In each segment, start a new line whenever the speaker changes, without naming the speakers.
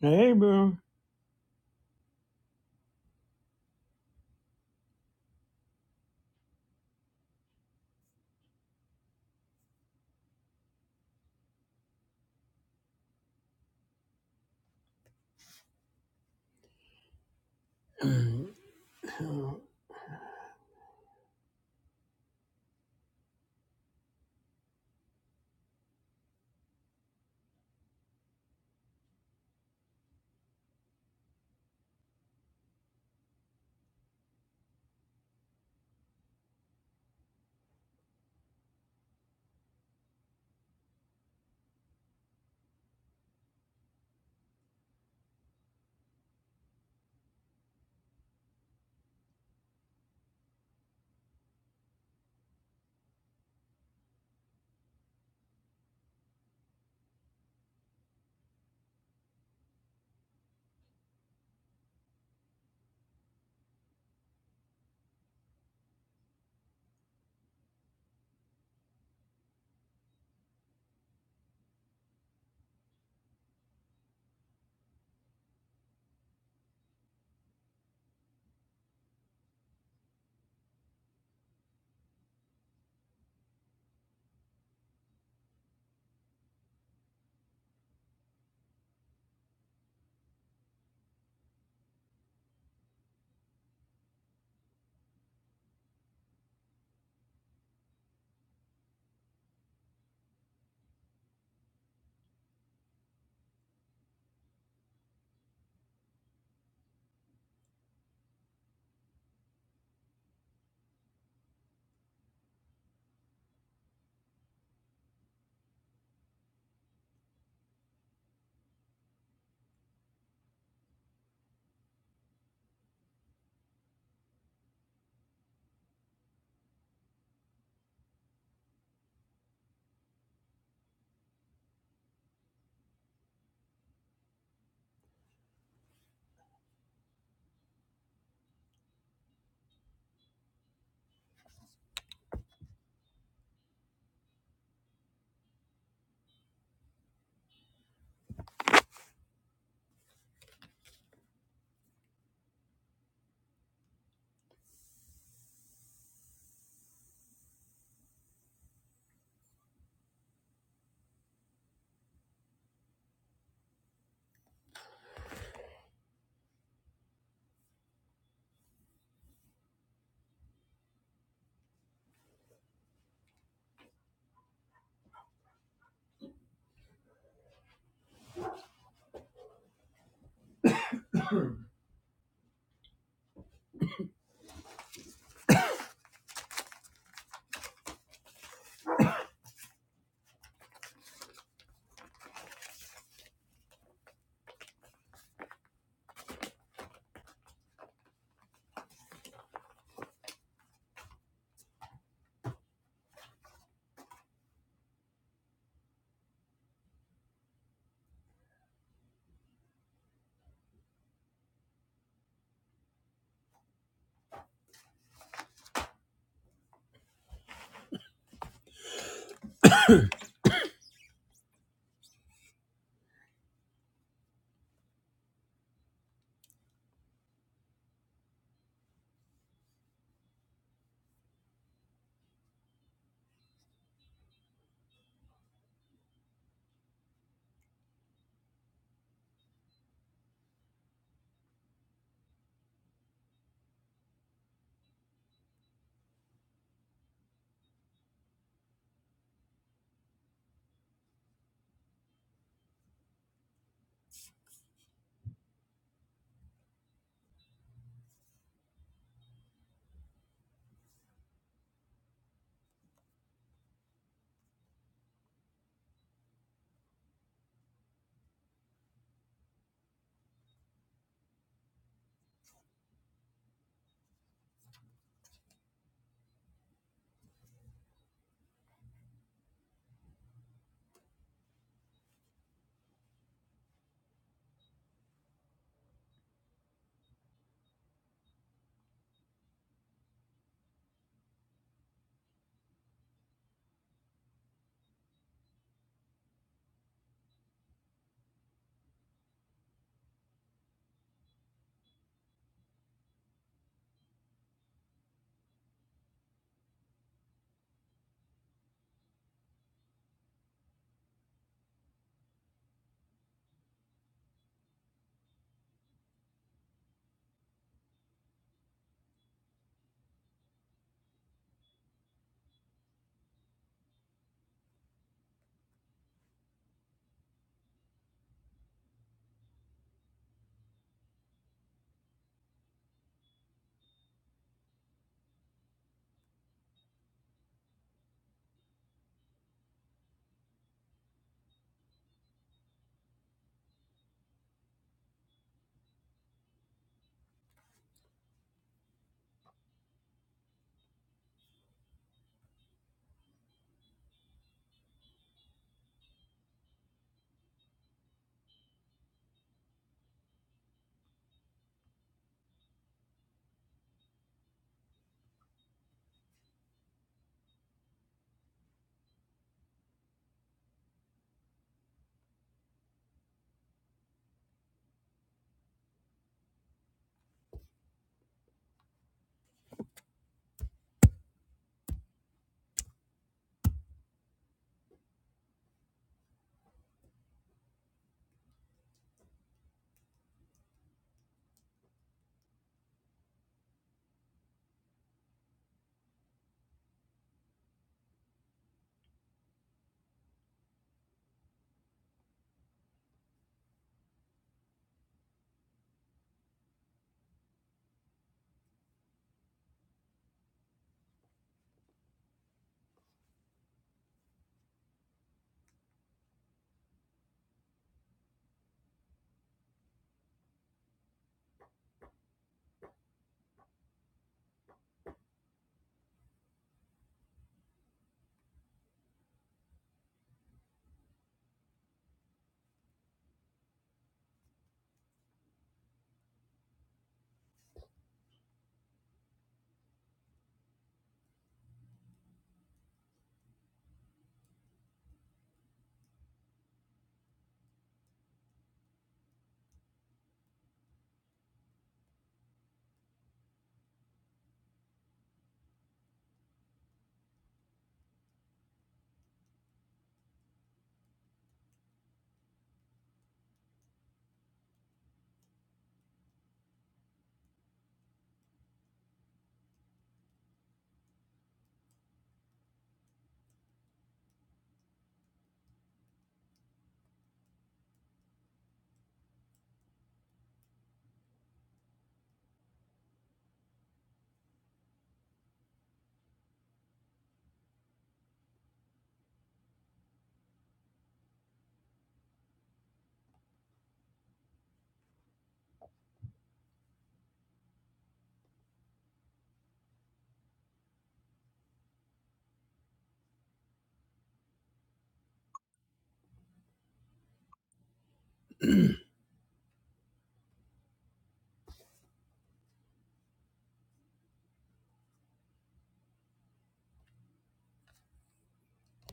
Hey, boo.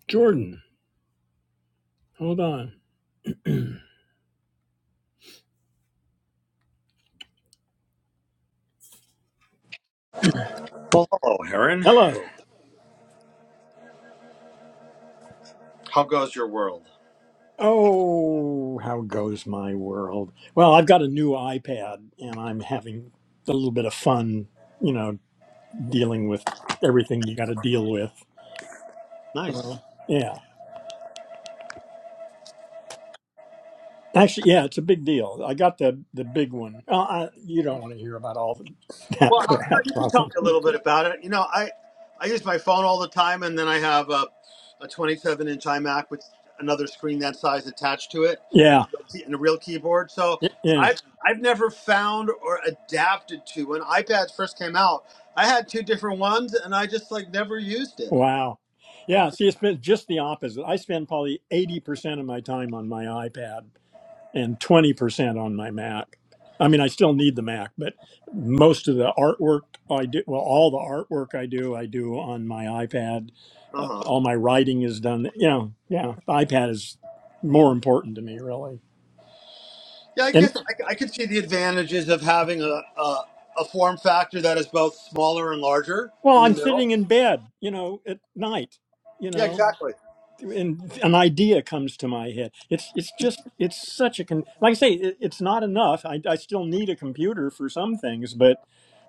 Jordan, hold on.
Well, hello, Heron.
Hello.
How goes your world?
Oh, how goes my world? Well, I've got a new iPad and I'm having a little bit of fun, you know, dealing with everything you got to deal with.
Nice.
So, yeah. Actually, yeah, it's a big deal. I got the the big one. Uh, I, you don't want to hear about all the, that
Well, how- no,
crap.
you can tell me
Malcolm.
a little bit about it. You know, I I use my phone all the time, and then I have a, a t- with another screen that to it.
Yeah.
And so
Yeah.
I've I've never felt or adapted to when iPads first came out. I had two different. Uh
Wow. Yeah, see, it's been just the opposite. I spend probably 80% of my time on my iPad and 20% on my Mac. I mean, I still need the Mac, but most of the artwork I do, well, all the artwork I do, I do on my iPad. Uh,
huh.
all my writing is done. You know, yeah, the iPad is more important to me, really.
Yeah, I
And
guess I, I could see the advantages of having a, a a form factor that is both smaller and larger
well,
in the
I'm
middle.
sitting in bed, you know, at night, you
Yeah,
know.
exactly.
and an idea comes to my head. It's it's just it's such a con- like I say it, it's not enough. I, I still need a computer for some things, but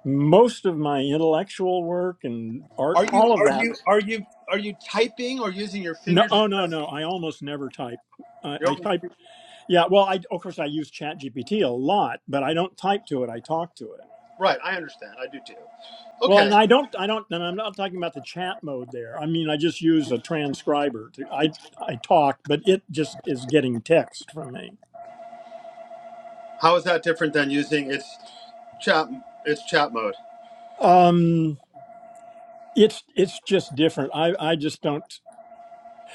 most of my intellectual work and art,
Are you
all of
are
that.
you are you are you typing or using your
No,
fingers?
oh no, no. I almost never type. I, I type. Yeah, well, I of course I use Chat GPT a lot, but I don't type to it. I talk to it.
Right, I understand. I do too.
Well,
Okay.
and I don't, I don't, and I'm not talking about the chat mode there. I mean, I just use a transcriber. To, I I talk, but it just is getting text from me.
How is that different than using its chat its chat mode?
Um, it's it's just different. I I just don't.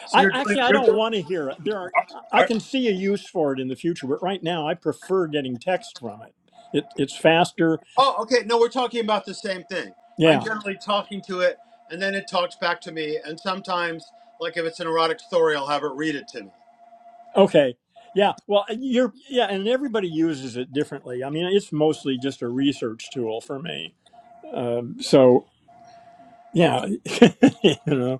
So
I
you're doing
actually I
you're
don't
doing
want to hear it. There are I
are-
can see a use for it in the future, but right now I prefer getting text from it. It it's faster.
Oh, okay. No, we're talking about the same thing. I'm
Yeah.
generally talking to it and then it talks back to me and sometimes like if it's an erotic story, I'll have it read it to me.
Okay. Yeah. Well, you're yeah, and everybody uses it differently. I mean, it's mostly just a research tool for me. Um, so yeah, you know.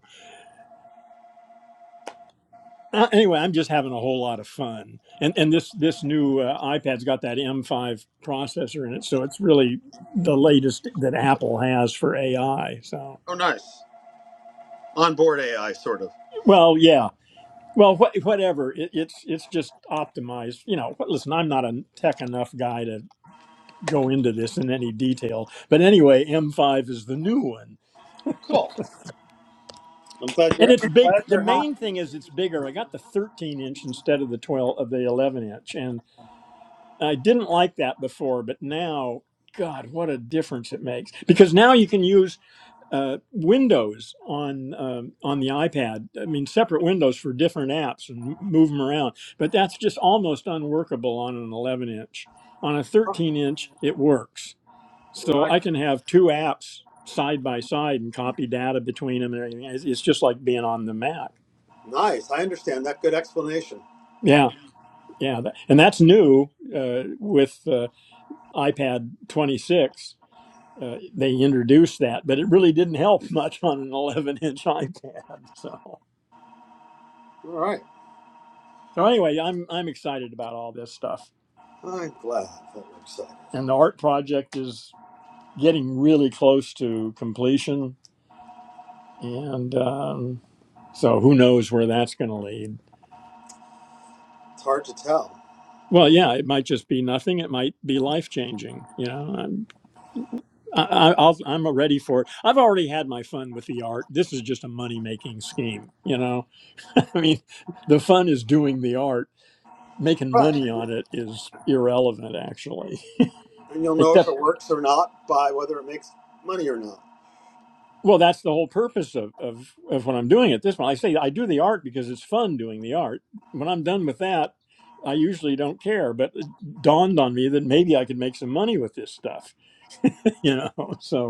uh, anyway, I'm just having a whole lot of fun, and and this this new uh, iPad's got that M5 processor in it, so it's really the latest that Apple has for AI. So,
Oh, nice. Onboard AI sort of.
well, yeah, well, wha whatever. It, it's it's just optimized. You know, but listen, I'm not a tech enough guy to go into this in any detail, but anyway, M5 is the new one,
Cool. I'm glad
and
you're
it's
I'm
big.
glad
The
you're happy.
main thing is it's bigger. I got the 13 inch instead of the 12 of the 11 inch, and I didn't like that before, but now, God, what a difference it makes! Because now you can use uh, Windows on um, on the iPad. I mean, separate windows for different apps and move them around. But that's just almost unworkable on an 11 inch. On a 13 inch, it works. So
Right.
I can have two apps side by side and copy data between them and everything. It's it's just like being on the Mac.
Nice. I understand that good explanation.
Yeah, yeah, that, and that's new uh, with uh, iPad 26 uh, they introduced that, but it really didn't help much on an 11 inch iPad. So,
All right.
so anyway, I'm I'm excited about all this stuff,
I'm glad that we're excited.
and the art project is getting really close to completion, and um, so who knows where that's going to lead.
It's hard to tell.
Well, yeah, it might just be nothing. It might be life changing. You know, I'm I, I- will I'm ready for it. I've already had my fun with the art. This is just a money making scheme. You know, I mean, the fun is doing the art making
Right.
money on it is irrelevant actually
and you'll know if it
except
works or not by whether it makes money or not.
well that's the whole purpose of, of, of when i'm doing at this point. i say i do the art because it's fun doing the art when i'm done with that i usually don't care but it dawned on me that maybe i could make some money with this stuff you know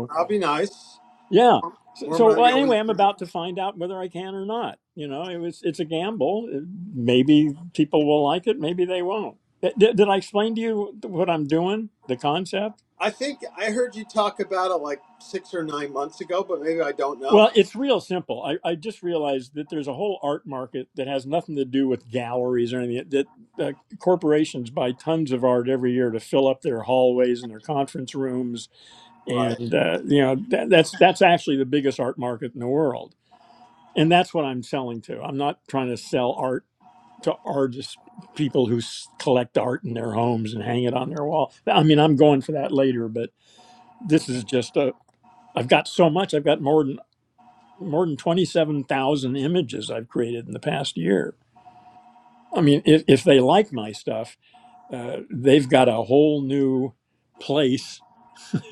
But I'll be nice.
yeah so,
More
so well,
money always.
anyway i'm
good.
about to find out whether i can or not you know it was it's a gamble maybe people will like it maybe they won't did, did i explain to you what i'm doing the concept
I think I heard you talk about it like six or nine months ago, but maybe I don't know.
Well, it's real simple. I, I just realized that there's a whole art market that has nothing to do with galleries or anything. That uh, corporations buy tons of art every year to fill up their hallways and their conference rooms,
Right.
and uh, you know that, that's that's actually the biggest art market in the world, and that's what I'm selling to. I'm not trying to sell art to artists, people who s- collect art in their homes and hang it on their wall. I mean, I'm going for that later, but this is just a. I've got so much. I've got more more than 27,000 images I've created in the past year. I mean, if, if they like my stuff, uh, they've got a whole new place,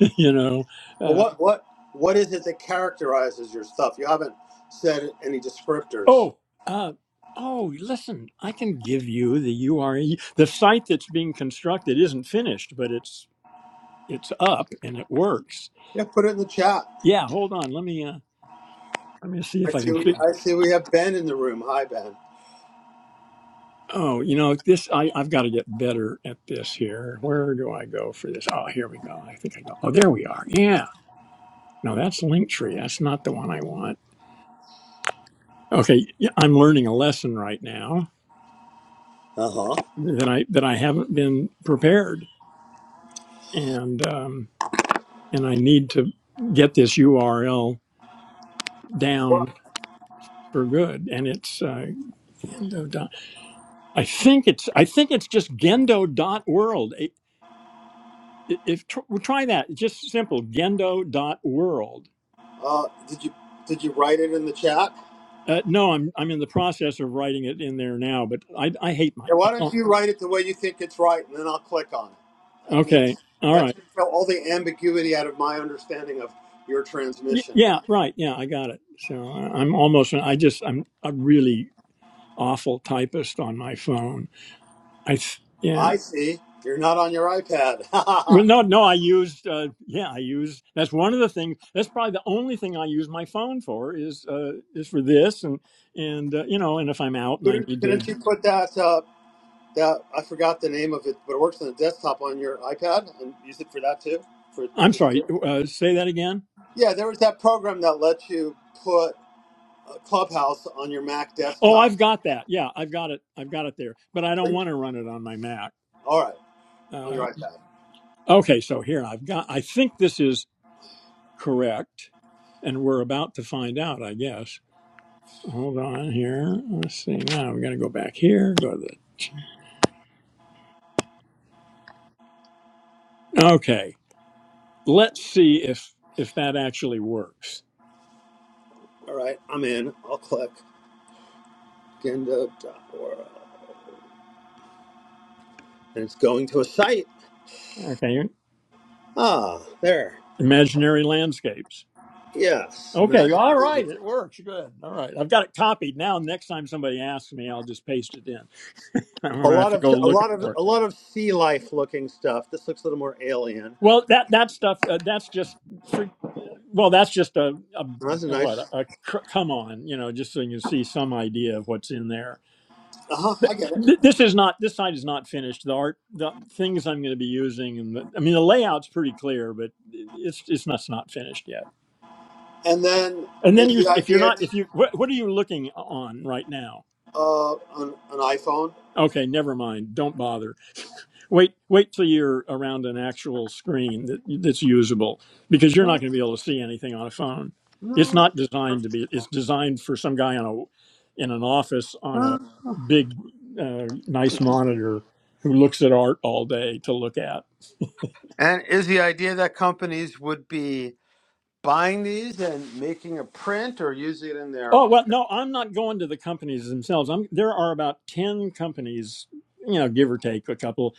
you know.
Well,
Uh,
what what what is it that characterizes your stuff? You haven't said any descriptors.
oh, uh, oh, listen, I can give you the URL, The site that's being constructed isn't finished, but it's it's up and it works.
Yeah, put it in the chat.
Yeah, hold on. Let me uh, let me see
I
if I
see.
can.
We,
Fi-
I see. We have Ben in the room. Hi, Ben.
oh, you know, this I, I've got to get better at this here. Where do I go for this? Oh, here we go. I think I go. Oh, there we are. Yeah No, that's Linktree. That's not the one I want. Okay, yeah, I'm learning a lesson right now
Uh-huh. Uh
that I that I haven't been prepared, and um, and I need to get this URL down for good. And it's uh, Gendo. Dot, I think it's I think it's just Gendo dot world. I- If tr- well, try that, It's just simple Gendo dot world.
huh. Uh, did you did you write it in the chat?
Uh, no, I'm I'm in the process of writing it in there now, but I I hate my
Yeah,
I
why don't
don't.
you write it the way you think it's right, and then I'll click on it. That makes
Okay, all
that
right.
takes out all the ambiguity out of my understanding of your
Y-
transmission.
Yeah, right. Yeah, I got it. So I- I'm almost. I just. I'm a really awful typist on my phone. I. th- Yeah.
I see you're not on your iPad.
Well, no, no. I used. Uh, yeah, I used. That's one of the things. That's probably the only thing I use my phone for is uh, is for this and and uh, you know and if I'm out and I
couldn't,
need to.
couldn't you put that uh, that I forgot the name of it, but it works on the desktop on your iPad and use it for that too? For
I'm
this
sorry.
too?
Uh, say that again.
yeah, there was that program that lets you put uh, Clubhouse on your Mac
Oh,
desktop.
I've got that. Yeah, I've got it. I've got it there. But I
Are
don't
you-
want to run it on my Mac.
All right, on
Uh,
your iPad.
okay, so here I've got. I think this is. Correct. And we're about to find out, I guess. Hold on here. Let's see. Now we're going to go back here. Go to the. Okay. Let's see if if that actually works.
All right, I'm in. I'll click. Genda.org. and it's going to a site.
Okay.
Ah, there.
Imaginary landscapes.
Yes.
Okay. All right.
Imagine-
It works. Good. All right. I've got it copied now. Next time somebody asks me, I'll just paste it in. I'm
A
going to have
lot
to
of
go
a
looking
lot of
for it.
a lot of sea life looking stuff. This looks a little more alien.
Well, that that stuff uh, that's just for, well, that's just a, a
Oh, That's
you
a
know what
nice.
a, cr- come on, you know, just so you can see some idea of what's in there.
Uh huh. I get it.
Th- this is not this site is not finished. The art, the things I'm going to be using, and the, I mean the layout's pretty clear, but it's it's not, it's not finished yet.
And then
And
is
then you,
the
if you're
idea
not, if you, what, what are you looking on right now?
uh, an, an iPhone?
Okay, never mind. Don't bother. Wait, wait till you're around an actual screen that that's usable, because you're not
No,
going to be able to see anything on a phone. It's
no,
not designed to be. It's designed for some guy on a in an office on a
no.
big, uh, nice monitor who looks at art all day to look at.
And is the idea that companies would be buying these and making a print or using it in their?
Oh well, no, I'm not going to the companies themselves. I'm there are about ten companies, you know, give or take a couple,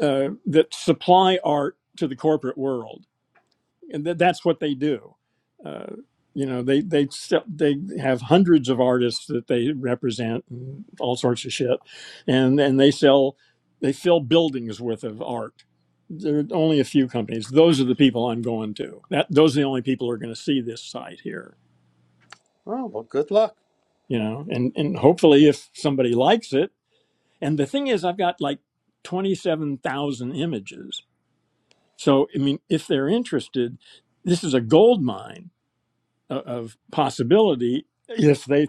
uh, that supply art to the corporate world and th- that's what they do. Uh, you know, they they se- they have hundreds of artists that they represent, and all sorts of shit, and and they sell they fill buildings worth of art. There are only a few companies. Those are the people I'm going to. That those are the only people who are going to see this site here.
Oh well, good luck.
You know, and and hopefully if somebody likes it. And the thing is, I've got like twenty seven thousand images. So I mean, if they're interested, this is a gold mine uh, of possibility if they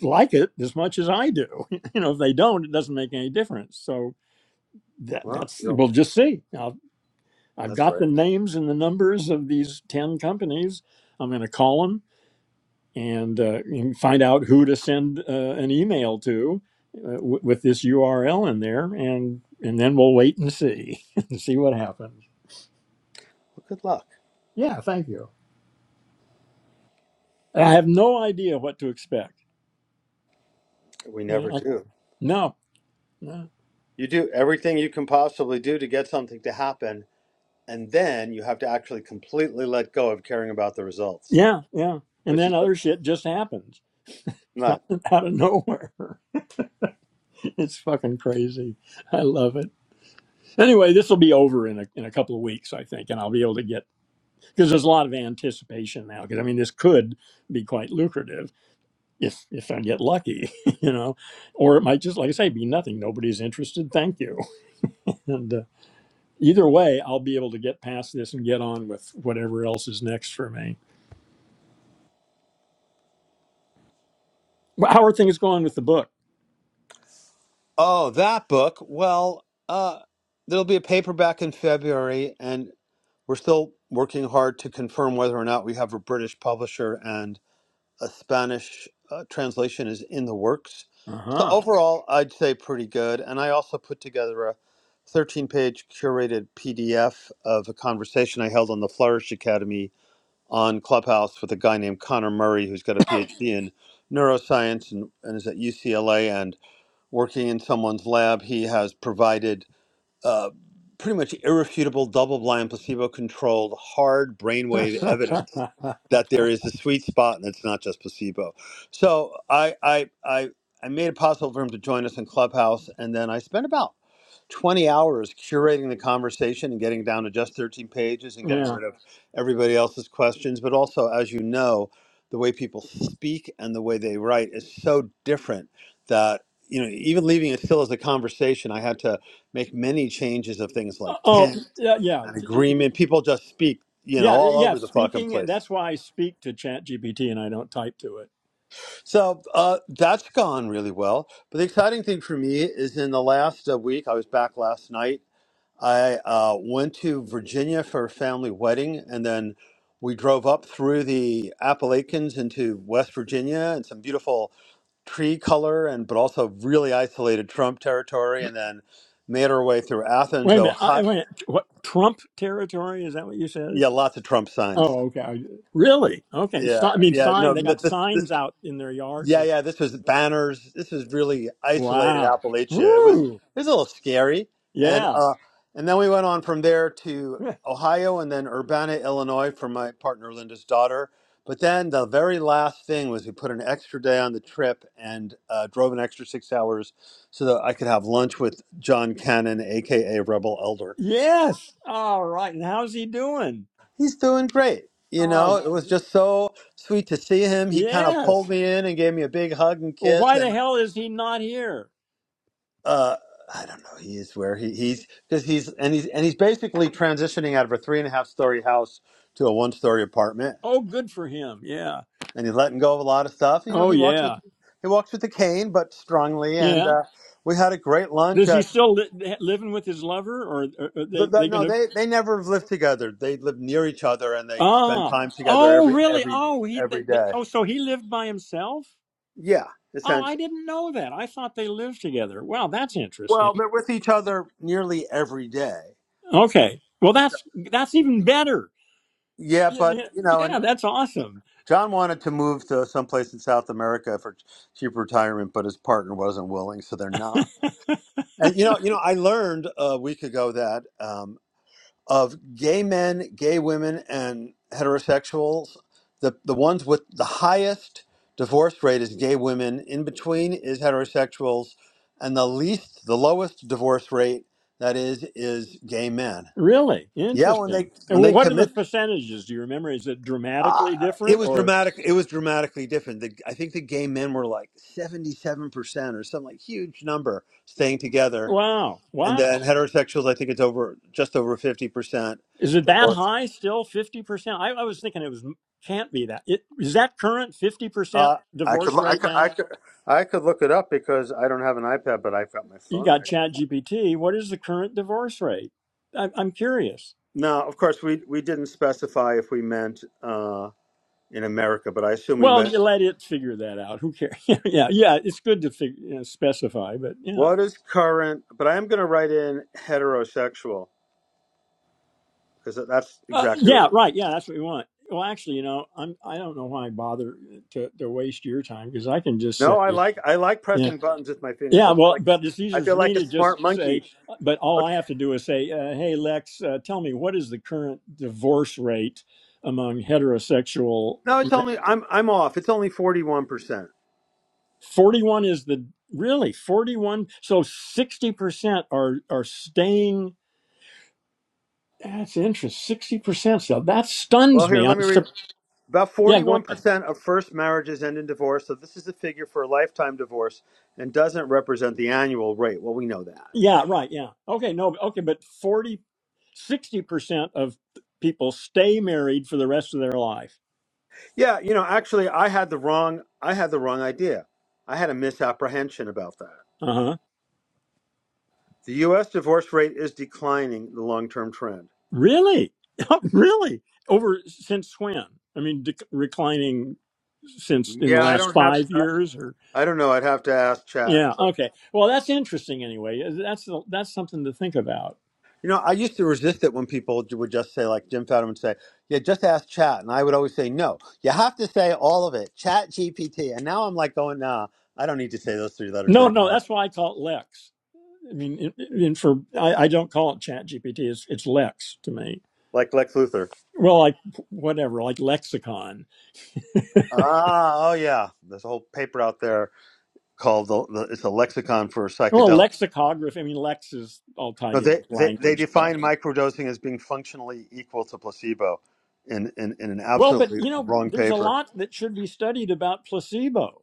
like it as much as I do. You know, if they don't, it doesn't make any difference. So that,
Well,
that's
you know,
we'll just see. Now I've
that's
got
right.
the names and the numbers of these ten companies. I'm going to call them and, uh, find out who to send uh, an email to uh, w- with this URL in there, and and then we'll wait and see and see what happens.
Well, good luck.
Yeah, thank you. I have no idea what to expect.
We
You know,
never
I,
do.
no, no.
You do everything you can possibly do to get something to happen, and then you have to actually completely let go of caring about the results,
Yeah, yeah. And
which is
then other shit just happens out
not.
of nowhere. It's fucking crazy. I love it. Anyway, this will be over in a, in a couple of weeks, I think, and I'll be able to get because there's a lot of anticipation now. Because I mean, this could be quite lucrative if if I get lucky, you know, or it might just, like I say, be nothing. Nobody's interested. Thank you. And uh, either way, I'll be able to get past this and get on with whatever else is next for me. Well, How are things going with the book?
Oh, that book. Well, uh, there'll be a paperback in February, and we're still working hard to confirm whether or not we have a British publisher. and. a Spanish uh, translation is in the works. So
Uh
overall, I'd say pretty good. And I also put together a 13 page curated PDF of a conversation I held on the Flourish Academy on Clubhouse with a guy named Connor Murray, who's got a PhD in neuroscience and, and is at UCLA and working in someone's lab. He has provided uh, pretty much irrefutable double-blind placebo-controlled hard brainwave evidence
huh.
that there is a sweet spot and it's not just placebo so i i i, I made it possible for him to join us in clubhouse and then i spent about 20 hours curating the conversation and getting down to just 13 pages and getting
Yeah.
rid of everybody else's questions. But also, as you know, the way people speak and the way they write is so different that, you know, even leaving it still as a conversation, I had to make many changes of things like
Oh,
tent
yeah, yeah,
and
T-
agreement. People just speak, you know,
yeah,
all
yeah.
over the fucking
Speaking, and
place.
that's why I speak to Chat GPT and I don't type to it.
So uh, that's gone really well. But the exciting thing for me is in the last uh, week, I was back last night I uh, went to Virginia for a family wedding, and then we drove up through the Appalachians into West Virginia and some beautiful tree color and but also really isolated Trump territory, and then made our way through Athens,
Wait a minute. I, wait.
Ohio.
What Trump territory? Is that what you said?
Yeah, lots of Trump signs.
Oh, okay. I- Really? Okay. So,
Yeah,
I mean,
yeah.
sign.
No,
They
th-
got
this, this
signs out in their yards.
Yeah, yeah. This was banners. This was really isolated
Wow.
Appalachia. It was
Woo.
it was a little scary, and
Yeah.
uh, and then we went on from there to Ohio, and then Urbana, Illinois, for my partner Linda's daughter. But then the very last thing was we put an extra day on the trip and uh, drove an extra six hours so that I could have lunch with John Cannon, aka Rebel Elder.
Yes. All right. And how's he doing?
He's doing great. You
Oh,
know, it was just so sweet to see him. He kind of
yes.
pulled me in and gave me a big hug and
Well,
kiss,
why the
and
hell is he not here?
uh I don't know. He is where he, he's because he's and he's and he's basically transitioning out of a three and a half story house to a one story apartment,
Oh, good for him. Yeah.
and he's letting go of a lot of stuff. You know,
Oh,
he walks with
yeah.
he walks with a cane, but strongly. And
yeah,
uh, we had a great lunch
Does he
at.
still li- living with his lover, or are are
The,
they
the,
they
no,
gonna?
they they never have lived together. They live near each other, and they spend
Ah,
time together
oh,
every
really?
every
Oh, he. They,
every
they,
day.
oh, so he lived by himself.
Yeah,
Oh, I
essentially.
didn't know that. I thought they lived together. Wow, that's
Well,
interesting.
they're with each other nearly every day.
Okay, well,
So,
that's that's even better.
yeah, but you know, and.
Yeah, that's awesome.
John wanted to move to someplace in South America for ch- cheap retirement, but his partner wasn't willing, so they're not. And you know, you know, I learned a week ago that um, of gay men, gay women, and heterosexuals, the the ones with the highest divorce rate is gay women. In between is heterosexuals, and the least, the lowest divorce rate that is is gay men.
Really
Yeah, when they
interesting. And
when they
what are the
commit
percentages? Do you remember? Is it
Uh,
dramatically
it
different,
was
or
dramatic. It was dramatically different. The, I think the gay men were like seventy-seven percent or some like huge number staying together,
wow,
and
wow?
then heterosexuals. I think it's over just over fifty percent
Is it that
divorce.
high still? Fifty percent? I, I was thinking it was can't be that. It, is that current fifty percent
Uh, I
divorce
could, I
rate
could,
now?
I could, I could look it up because I don't have an iPad, but I've got my
You
phone right.
got
here.
Chat GPT. What is the current divorce rate? I, I'm curious.
Now, of course we we didn't specify if we meant uh, in America, but I assume we
Well,
meant
you let it figure that out. Who cares? yeah, yeah. It's good to fig- you know, specify, but yeah,
what is current. But I am going to write in heterosexual because that's
uh,
exactly what
yeah,
we're.
right. Yeah, that's what we want. Well, actually, you know, I'm I don't know why I bother to, to waste your time because I can just say.
No, I like I like
yeah.
pressing buttons with my fingers.
Yeah,
I feel
well,
like
but it's
I
easier for
feel
me
like a
to just
smart
say,
monkey.
but all I
Okay.
have to do is say, uh, hey, Lex, uh, tell me, what is the current divorce rate among heterosexual?
No, it's only I'm I'm off. It's only forty one percent.
41 is the really 41. So 60% are, are staying. That's interesting. 60%. So that
Well,
stuns me.
here let
I'm,
me read.
sup-
About
yeah,
forty
go
one
ahead.
percent of first marriages end in divorce. So this is a figure for a lifetime divorce and doesn't represent the annual rate. Well, we know that.
Yeah, right. Yeah. Okay. No, okay. But forty sixty percent of people stay married for the rest of their life.
Yeah, you know, actually, I had the wrong I had the wrong idea. I had a misapprehension about that.
Uh huh.
The U.S. divorce rate is declining. The long term trend.
Really? really? Over since when? I mean, dec- reclining since in the
Yeah, I
last
don't have.
five years, or
I, I don't know. I'd have to ask Chat.
yeah, okay. Well, that's interesting. Anyway, Uh, that's that's something to think about.
You know, I used to resist it when people ju- would just say, like Jim Fadiman would say, "Yeah, just ask Chat," and I would always say, "No, you have to say all of it, Chat GPT." And now I'm like going, "Nah, I don't need to say those three letters
No, no,
anymore."
that's why I call it Lex. I mean, in, in for I, I don't call it Chat GPT. It's it's Lex to me.
Like Lex Luthor.
Well, like whatever, like lexicon.
Ah, oh yeah, there's a whole paper out there called the, the, "It's a Lexicon for
Well,
Psychedelics."
lexicography. I mean, Lex is all
No,
tied in
they,
with
they they
language stuff.
define microdosing as being functionally equal to placebo, in in, in an
Well, but
absolutely
you know,
wrong
there's a
paper.
lot that should be studied about placebo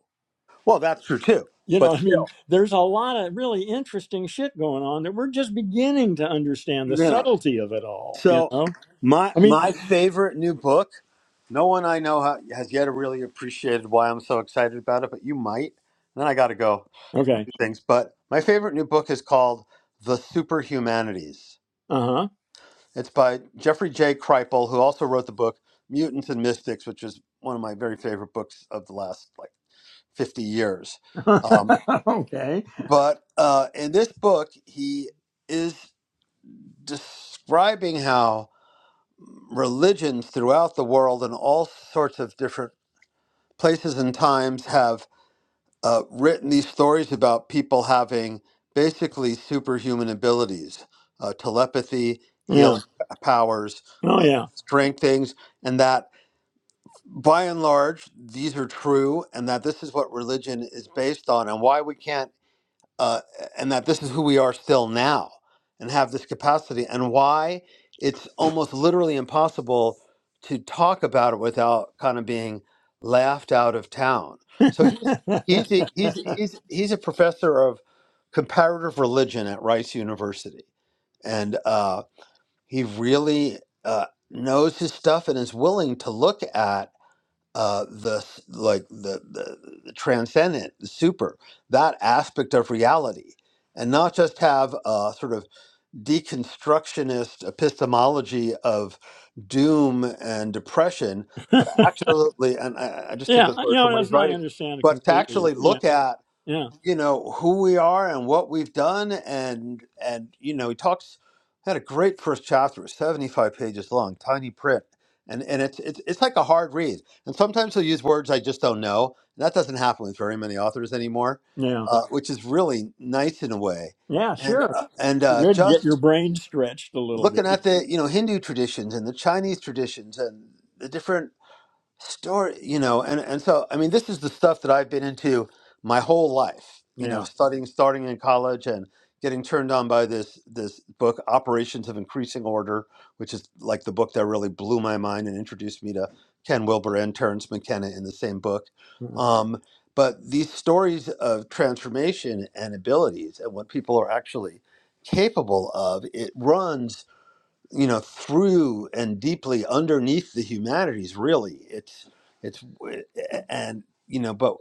Well, that's true too,
You
but
know, I mean,
still.
there's a lot of really interesting shit going on that we're just beginning to understand the
yeah.
subtlety of it all, you
So
know?
my
I mean,
my favorite new book. No one I know ha- has yet really appreciated why I'm so excited about it, but you might. And then I got to go do
okay.
things. But my favorite new book is called The Superhumanities.
Uh
It's by Jeffrey J. Kripal, who also wrote the book Mutants and Mystics, which is one of my very favorite books of the last like 50 years.
huh.
Um,
okay.
but uh, in this book, he is describing how religions throughout the world and all sorts of different places and times have uh, written these stories about people having basically superhuman abilities, uh, telepathy,
Yeah.
healing powers,
Oh,
uh,
yeah.
strength things, and that by and large these are true, and that this is what religion is based on, and why we can't uh, and that this is who we are still now and have this capacity and why it's almost literally impossible to talk about it without kind of being laughed out of town so he's he's a, he's he's he's a professor of comparative religion at Rice University and uh, he really uh, knows his stuff and is willing to look at uh, the like the, the, the transcendent, the super, that aspect of reality, and not just have a sort of deconstructionist epistemology of doom and depression, but actually, and I I just took
yeah.
this
You
word from
know,
what
that's
he's
not, I
writing,
understand it
but to
completely.
actually
Yeah.
look at
Yeah.
you know who we are and what we've done and and you know he talks had a great first chapter 75 pages long tiny print and and it's it's, it's like a hard read and sometimes he'll use words i just don't know and that doesn't happen with very many authors anymore
Yeah.
uh, which is really nice in a way
Yeah,
and
sure.
uh, and uh,
Good. Get your
just
brain stretched a little bit.
looking at the you know hindu traditions and the chinese traditions and the different story you know and and so i mean this is the stuff that i've been into my whole life you know
Yeah.
studying starting in college and getting turned on by this this book operations of increasing order which is like the book that really blew my mind and introduced me to ken wilber and Terence mckenna in the same book um, but these stories of transformation and abilities and what people are actually capable of it runs you know through and deeply underneath the humanities really it's it's and you know but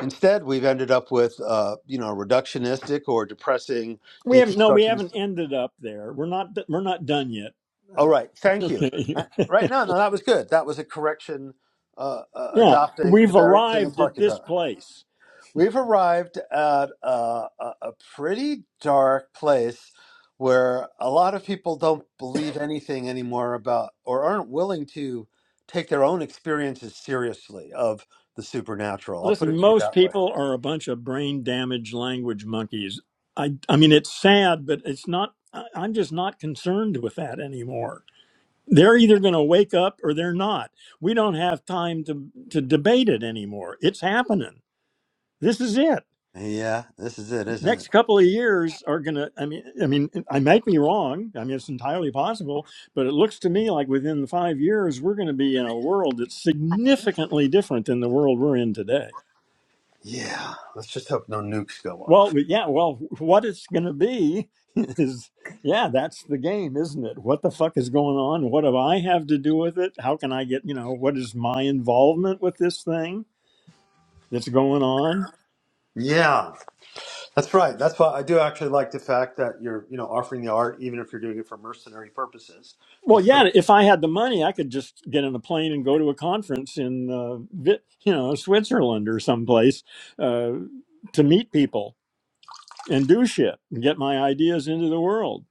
instead we've ended up with uh you know reductionistic or depressing
We haven't, no, we haven't
deconstructionist
ended up there. We're not, we're not done yet.
all
Uh,
right thank you
okay.
Uh, right no no that was good that was a correction uh, uh
Yeah,
adopting the
we've
very thing i'm
arrived at
talking
this
about
place.
We've arrived at a, a, a pretty dark place where a lot of people don't believe anything anymore about or aren't willing to take their own experiences seriously of the supernatural. I'll put
Listen,
it to you
most
that way.
people are a bunch of brain damaged language monkeys. I, I mean, it's sad, but it's not, I- I'm just not concerned with that anymore. They're either going to wake up or they're not. We don't have time to, to debate it anymore. It's happening. This is it.
Yeah, this is it, isn't it?
next couple of years are gonna i mean i mean i might be wrong i mean it's entirely possible but it looks to me like within the five years we're going to be in a world that's significantly different than the world we're in today
Yeah, let's just hope no nukes go
well
off.
yeah well what it's going to be is yeah that's the game isn't it what the fuck is going on what do i have to do with it how can i get you know what is my involvement with this thing that's going on
Yeah, that's right. That's why I do actually like the fact that you're, you know, offering the art even if you're doing it for mercenary purposes.
Well,
It's still
yeah, if I had the money, I could just get on a plane and go to a conference in, uh, Vi- you know, Switzerland or someplace uh, to meet people and do shit and get my ideas into the world.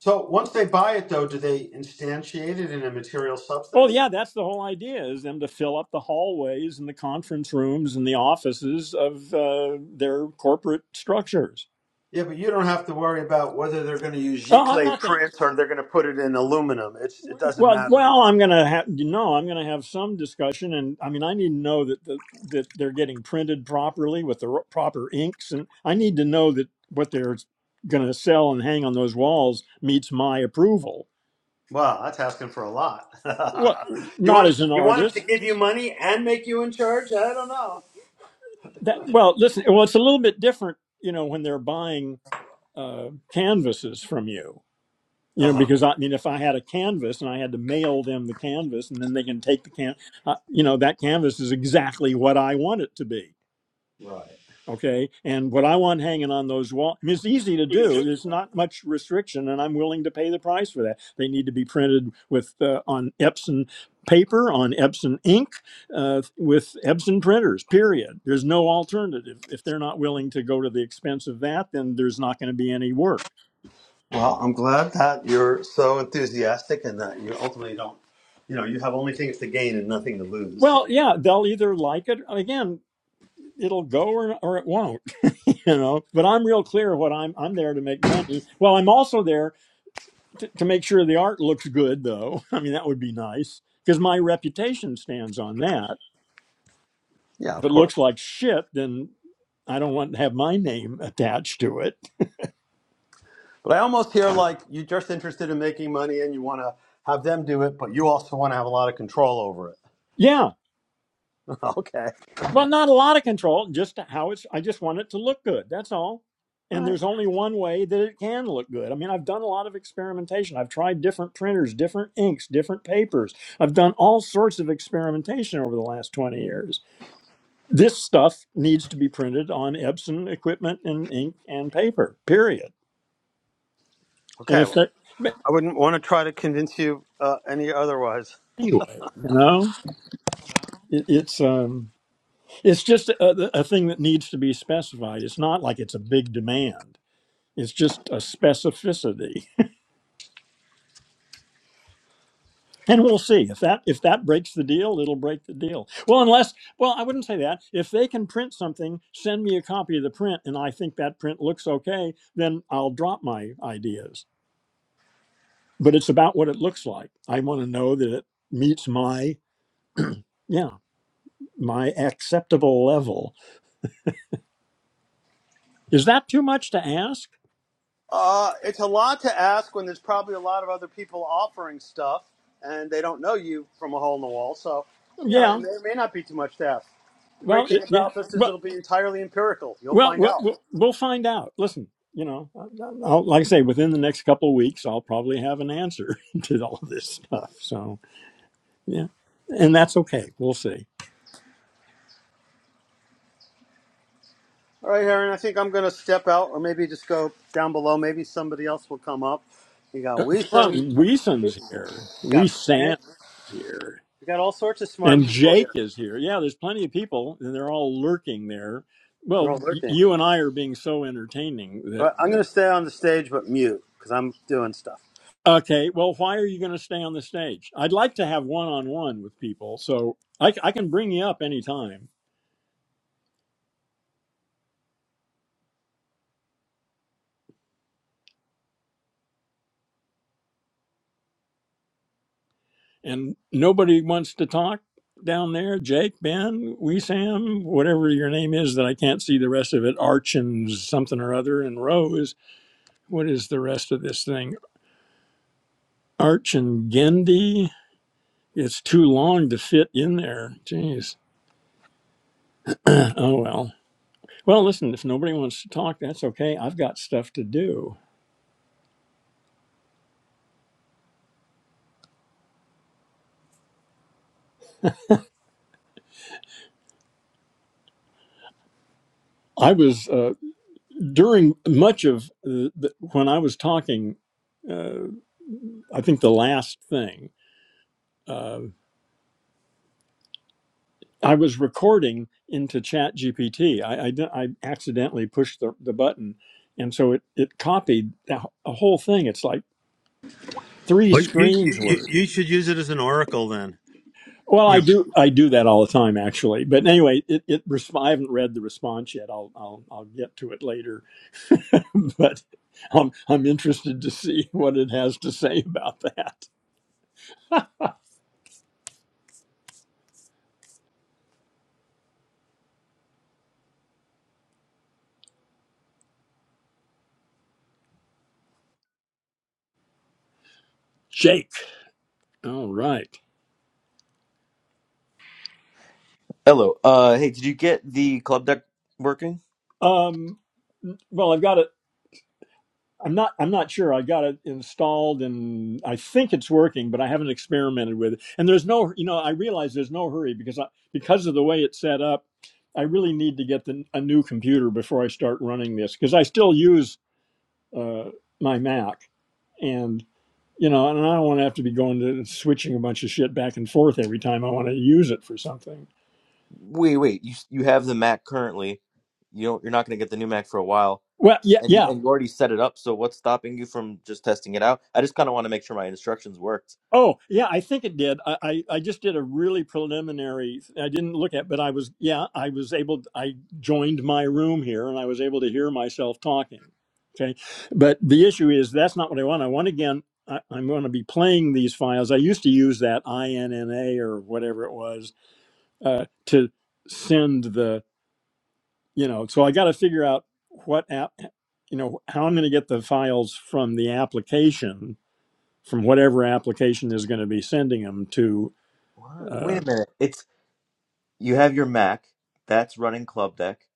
So once they buy it, though, do they instantiate it in a material
Oh,
substance?
yeah, that's the whole idea is them to fill up the hallways and the conference rooms and the offices of uh, their corporate structures.
Yeah, but you don't have to worry about whether they're going to use
Oh, I'm
Giclée
not.
print or they're going to put it in aluminum. It's it doesn't
Well,
matter to you.
well, I'm gonna have you know I'm gonna have some discussion, and I mean I need to know that the, that they're getting printed properly with the r- proper inks, and I need to know that what they're gonna sell and hang on those walls meets my approval.
Wow, that's asking for a lot.
What?
you
Not
want
as an
you want them to
artist.
give you money and make you in charge? I don't know.
That well, listen. Well, it's a little bit different, you know, when they're buying uh, canvases from you. you know
Uh-huh.
because i mean if i had a canvas and i had to mail them the canvas and then they can take the can uh, you know that canvas is exactly what i want it to be okay and what i want hanging on those walls I mean, it's easy to do there's not much restriction and i'm willing to pay the price for that they need to be printed with uh, on epson paper on epson ink uh, with epson printers period there's no alternative if they're not willing to go to the expense of that then there's not going to be any work
Well, I'm glad that you're so enthusiastic and that you ultimately don't. You know, you have only things to gain and nothing to lose.
well, yeah, they'll either like it again. it'll go or, or it won't you know but i'm real clear what i'm i'm there to make money well i'm also there to, to make sure the art looks good though i mean that would be nice because my reputation stands on that
Yeah,
if
of
it
course.
looks like shit then i don't want to have my name attached to it
But I almost hear like you're just interested in making money and you want to have them do it, but you also want to have a lot of control over it.
yeah
okay.
Well, not a lot of control, just how it's, I just want it to look good. That's all.
All
And
right.
there's only one way that it can look good. I mean, I've done a lot of experimentation. I've tried different printers, different inks, different papers. I've done all sorts of experimentation over the last 20 years. This stuff needs to be printed on Epson equipment and ink and paper, period. And
Okay.
if
Well,
that, but
I wouldn't want to try to convince you uh, any otherwise.
anyway, you know, it, it's, um, it's just a, a thing that needs to be specified. It's not like it's a big demand It's just a specificity. And we'll see if that if that breaks the deal, it'll break the deal. Well, unless well, I wouldn't say that. If they can print something, send me a copy of the print, and I think that print looks okay, then I'll drop my ideas. But it's about what it looks like. I want to know that it meets my yeah my acceptable level. Is that too much to ask?
Uh, it's a lot to ask when there's probably a lot of other people offering stuff and they don't know you from a hole in the wall. So, you know, it
Yeah.
may, it may not be too much to ask. The
Well,
great thing
it, yeah.
about this is
Well,
it'll be entirely empirical. You'll
Well,
find
we'll
out.
we'll we'll find out. Listen, you know, I'll, like I say, within the next couple of weeks, I'll probably have an answer to all of this stuff. So yeah, and that's okay. We'll see.
All right, Aaron, I think I'm going to step out or maybe just go down below. Maybe somebody else will come up. You got
Uh, Well,
Wisdom, you
Weason's here. We
got
Sam
Bent,
is here,
you got all sorts of smart
and
people
Jake
here.
is here. Yeah, there's plenty of people, and they're all lurking there.
They're
Well,
all
y-
lurking.
you and I are being so entertaining that.
But I'm
that-
going to stay on the stage but mute because I'm doing stuff.
Okay, well, why are you going to stay on the stage? I'd like to have one on one with people, so I, c- I can bring you up anytime. and nobody wants to talk down there. Jake, Ben, we, Sam, whatever your name is that I can't see the rest of it. Arch and something or other, and Rose. What is the rest of this thing? Arch and Gendy. It's too long to fit in there. Jeez. Oh well. Well, listen. If nobody wants to talk, that's okay. I've got stuff to do. I was uh, during much of the, the, when I was talking. Uh, I think the last thing. uh, I was recording into Chat GPT. I, I, I accidentally pushed the, the button. And so it, it copied a whole thing. It's like three
Well, you, you
screens
you
worth.
you should use it as an oracle then.
Well, I
You know.
do I do that all the time actually, but anyway, it, it resp- I haven't read the response yet. I'll I'll I'll get to it later, but I'm I'm interested to see what it has to say about that. Jake, all right.
Hello. Uh, hey, did you get the club deck working?
Um, well, I've got a. I'm not I'm not sure. I got it installed and I think it's working, but I haven't experimented with it. And there's no, you know, I realize there's no hurry because I, because of the way it's set up, I really need to get the, a new computer before I start running this because I still use uh, my Mac and you know, and I don't want to have to be going to switching a bunch of shit back and forth every time I want to use it for something.
Wait, wait. You you have the Mac currently. You don't. You're not going to get the new Mac for a while,
Well, yeah,
and you
yeah.
and you already set it up. So what's stopping you from just testing it out? I just kind of want to make sure my instructions worked.
Oh, yeah, I think it did. I, I, I just did a really preliminary, I didn't look at, but I was, yeah, I was able, I joined my room here and I was able to hear myself talking. Okay. But the issue is that's not what I want. I want again, I, I'm going to be playing these files. I used to use that INNA or whatever it was uh, to send the, you know, so I got to figure out what app, you know, how I'm going to get the files from the application from whatever application is going to be sending them to.
What?
Uh,
Wait a minute. It's you have your Mac that's running club deck,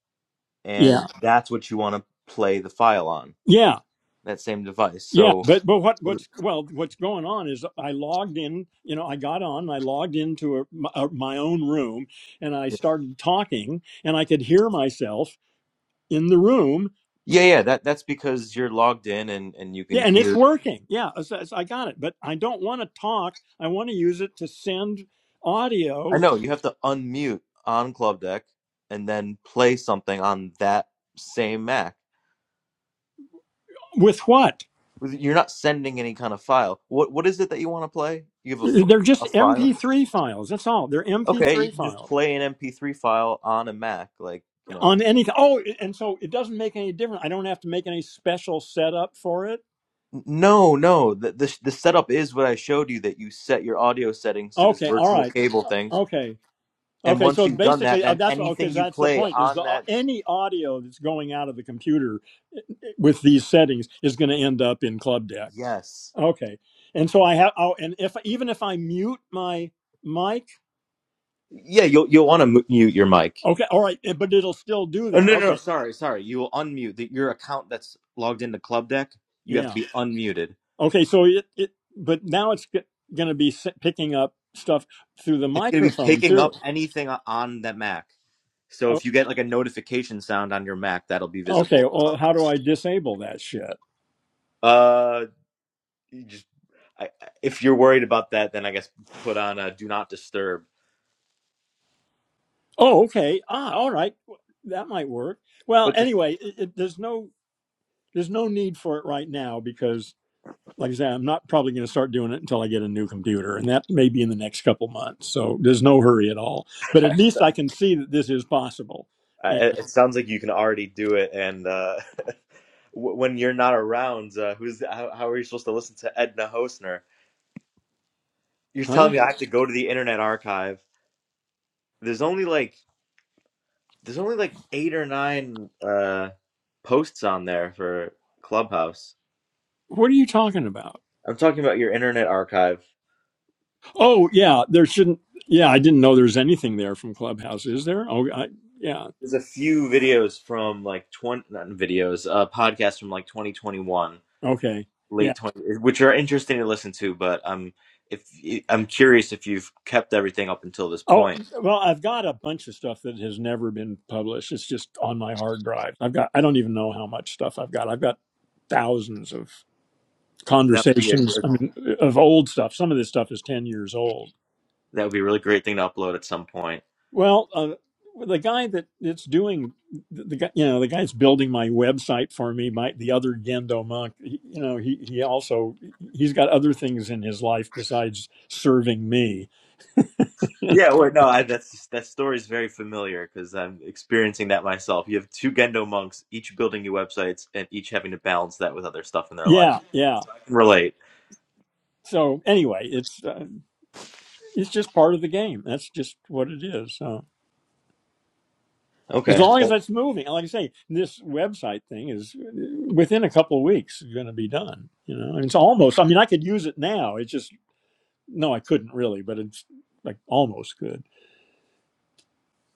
yeah,
and that's what you want to play the file on
yeah,
that same device.
yeah.
So.
But but what
What
what's well what's going on is I logged in. You know, I got on. I logged into a, my, uh, my own room and I
are-
started talking, and I could hear myself in the room.
Yeah, yeah. That that's because you're logged in and and you can
Yeah, and it's
hear
working. Yeah, it's- it's- I got it. But I don't want to talk. I want to use it to send
I
audio
know you have to unmute on Club Deck and then play something on that same Mac.
with what?
You're not sending any kind of file. What what is it that you want to play? You have a, f-
They're
a
just
file.
MP3 files. That's all. They're
Okay, you
MP3
can just
files.
play an MP3 file on a Mac, like you know.
on anything. Oh, and so it doesn't make any difference. I don't have to make any special setup for it.
N- No, no. The, the the setup is what I showed you. That you set your audio settings to this
Okay, all
virtual
right,
cable thing,
okay,
and
okay.
once
So
you've done that,
basically, uh,
then
that's what
anything
because
you
that's the
play
point is
on
the au-
that,
any audio that's going out of the computer eh, eh, with these settings is going to end up in Club Deck.
yes,
Okay, and so I have. Oh, and if even if I mute my mic,
yeah, you'll you'll want to mute your mic
okay, all right, eh, but it'll still do
Oh
that.
no, no, no,
Okay,
sorry, sorry. You will unmute the, your account that's logged into Club Deck. You have to
yeah,
be unmuted.
okay. So it, it but now it's going to be s- picking up stuff through the
It's going to be
microphone
picking
too.
up anything o- on that Mac. So if you get like a notification sound on your Mac, that'll be
Okay,
visible.
well, how do I disable that shit?
Uh, you just I, I- if you're worried about that, then I guess put on a do not disturb.
Oh, okay. Ah, all right. That might work. Well,
But the,
anyway, it, it, there's no there's no need for it right now because, like I said, I'm not probably going to start doing it until I get a new computer, and that may be in the next couple months. So there's no hurry at all. But at least I can see that this is possible.
uh,
And
it it sounds like you can already do it. And uh, w- when you're not around, uh, who's how, how are you supposed to listen to Edna Hosner? You're telling
huh?
me I have to go to the Internet Archive. There's only like there's only like eight or nine uh posts on there for Clubhouse.
What are you talking about?
I'm talking about your internet archive.
Oh, yeah. There shouldn't. Yeah, I didn't know there was anything there from Clubhouse. Is there? Oh, I, yeah.
There's a few videos from like 20 not videos, uh podcasts from like 2021,
Okay. Yeah,
late 20 which are interesting to listen to, but I'm if I'm curious if you've kept everything up until this
Oh,
point.
well, I've got a bunch of stuff that has never been published. It's just on my hard drive. I've got, I don't even know how much stuff I've got. I've got thousands of
That would be a,
conversations,
a
I mean, of old stuff. Some of this stuff is 10 years old.
that would be a really great thing to upload at some point.
Well, uh, the guy that it's doing, the, the guy, you know, the guy that's building my website for me, my, the other Gendo monk, he, you know, he, he also, he's got other things in his life besides serving me.
Yeah, well, no, I, that's that story is very familiar because I'm experiencing that myself. You have two Gendo monks, each building new websites, and each having to balance that with other stuff in their life.
Yeah. Yeah.
I can relate.
So anyway, it's, uh, it's just part of the game. That's just what it is. So as
Okay.
long as
Well,
that's moving, and like I say, this website thing is within a couple of weeks going to be done. You know, it's almost. I mean, I could use it now. It's just no, I couldn't really, but it's like almost good.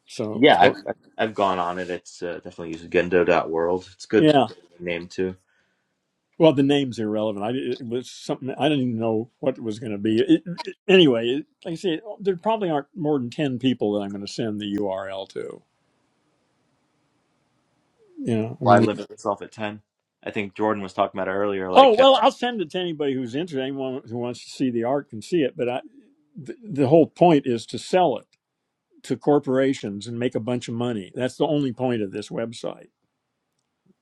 So,
yeah, I've
so
I've I've gone on it. It's uh, definitely used Gendo.world. It's a good
yeah.
name too.
Well, the name's irrelevant. I it was something I didn't even know what it was going to be. It, it- anyway, it, like I say, there probably aren't more than ten people that I'm going to send the URL to. You know, I
Why
mean,
limit yourself at ten? I think Jordan was talking about it earlier.
Oh
Like, uh,
well, I'll send it to anybody who's interested. Anyone who wants to see the art can see it. But I, the, the whole point is to sell it to corporations and make a bunch of money. That's the only point of this website.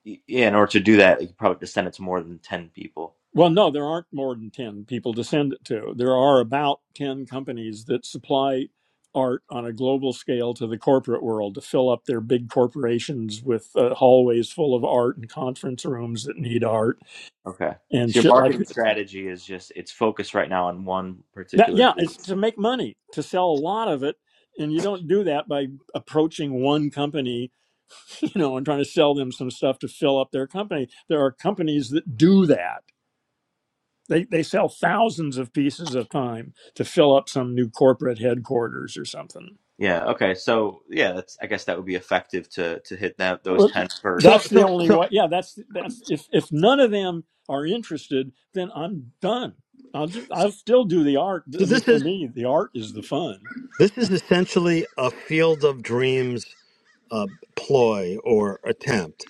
y- yeah, in order to do that, you probably have to send it to more than ten people.
Well, no, there aren't more than ten people to send it to. There are about ten companies that supply art on a global scale to the corporate world to fill up their big corporations with uh, hallways full of art and conference rooms that need art
Okay.
and
So your
shit like
marketing strategy is just it's focused right now on one
That
particular.
yeah,
niche.
it's to make money, to sell a lot of it, and you don't do that by approaching one company, you know, and trying to sell them some stuff to fill up their company. There are companies that do that. They they sell thousands of pieces of time to fill up some new corporate headquarters or something.
Yeah. Okay. So yeah, that's I guess that would be effective to to hit that those
Well,
ten
So
first.
That's the
so
only
so
way. Yeah, that's that's if if none of them are interested, then I'm done. I'll just I'll still do the art.
so
I mean,
this
for
is
me, the art is the fun.
this is essentially a field of dreams uh, ploy or attempt.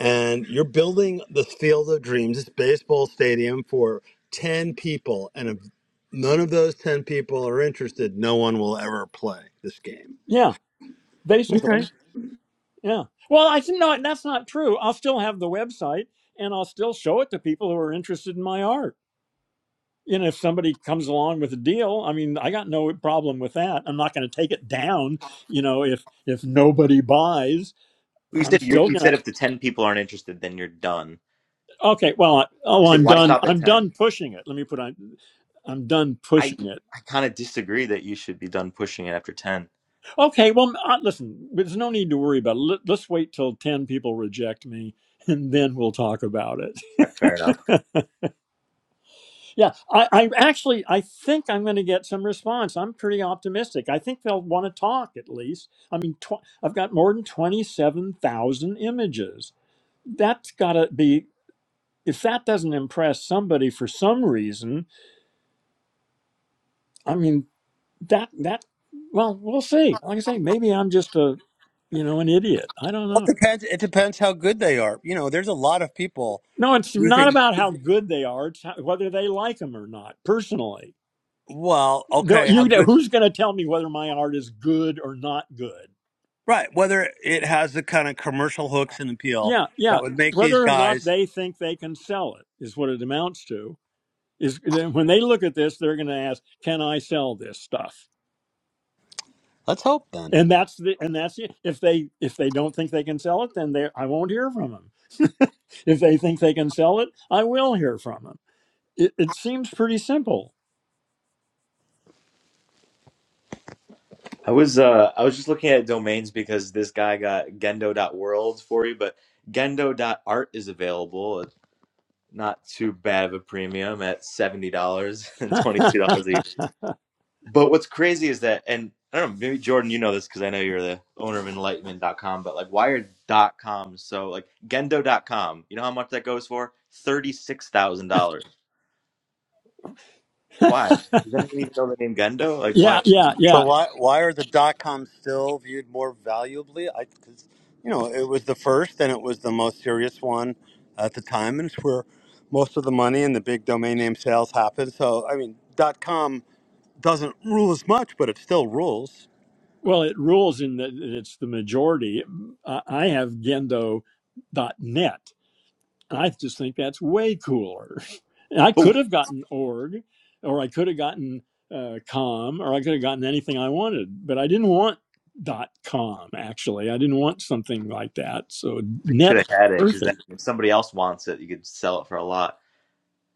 and you're building this field of dreams, this baseball stadium for 10 people. And if none of those 10 people are interested, no one will ever play this game.
Yeah, basically. Yeah. Well, I said, no, that's not true. I'll still have the website and I'll still show it to people who are interested in my art. And if somebody comes along with a deal, I mean, I got no problem with that. I'm not going to take it down. You know, if if nobody buys,
You
I'm
said you,
still
you
going to.
said if the ten people aren't interested, then you're done.
Okay. Well, I,
I
oh,
said
I'm
why
done.
stop at
I'm
ten?
done pushing it. Let me put on. I'm done
I
pushing it.
I kind of disagree that you should be done pushing it after ten.
Okay. Well, uh, listen, there's no need to worry about it. Let, let's wait till 10 people reject me and then we'll talk about
All right, fair enough.
it. Yeah, I, I actually I think I'm going to get some response. I'm pretty optimistic. I think they'll want to talk at least. I mean, tw- I've got more than twenty-seven thousand images. That's got to be if that doesn't impress somebody for some reason. I mean, that that well, we'll see. Like I say, maybe I'm just a you know an idiot. I don't
Well,
know.
it depends. It depends how good they are. You know, there's a lot of people
No, it's
who
not
think,
about how good they are. It's how, whether they like them or not. Personally,
well,
no,
okay, how
you know
good,
who's going to tell me whether my art is good or not good?
right? Whether it has the kind of commercial hooks and appeal
yeah, yeah.
that would make these
Whether or not
guys.
they think they can sell it is what it amounts to. Is when they look at this, they're going to ask, "Can I sell this stuff?"
Let's hope then.
And that's the and that's it. If they if they don't think they can sell it, then they I won't hear from them. If they think they can sell it, I will hear from them. It, it seems pretty simple.
I was uh I was just looking at domains because this guy got gendo.world for you, but gendo.art is available. It's not too bad of a premium at seventy dollars and twenty two dollars a year. But what's crazy is that, and I don't know, maybe Jordan, you know this because I know you're the owner of enlightenment.com, but like wired.com. So like gendo.com, you know how much that goes for? $36,000. Why? Does anyone even know the name Gendo? Like,
yeah,
why?
yeah,
So
yeah.
why why are the dot coms still viewed more valuably? I because you know it was the first and it was the most serious one at the time, and it's where most of the money and the big domain name sales happen. So I mean, dot com doesn't rule as much, but it still rules.
Well, it rules in that it's the majority. I I have Gendo dot net. And I just think that's way cooler. And I
Oh,
could have gotten org, or I could have gotten uh, com, or I could have gotten anything I wanted, but I didn't want dot com. Actually, I didn't want something like that. So
I should
net
have had it because then
perfect.
if somebody else wants it, you could sell it for a lot.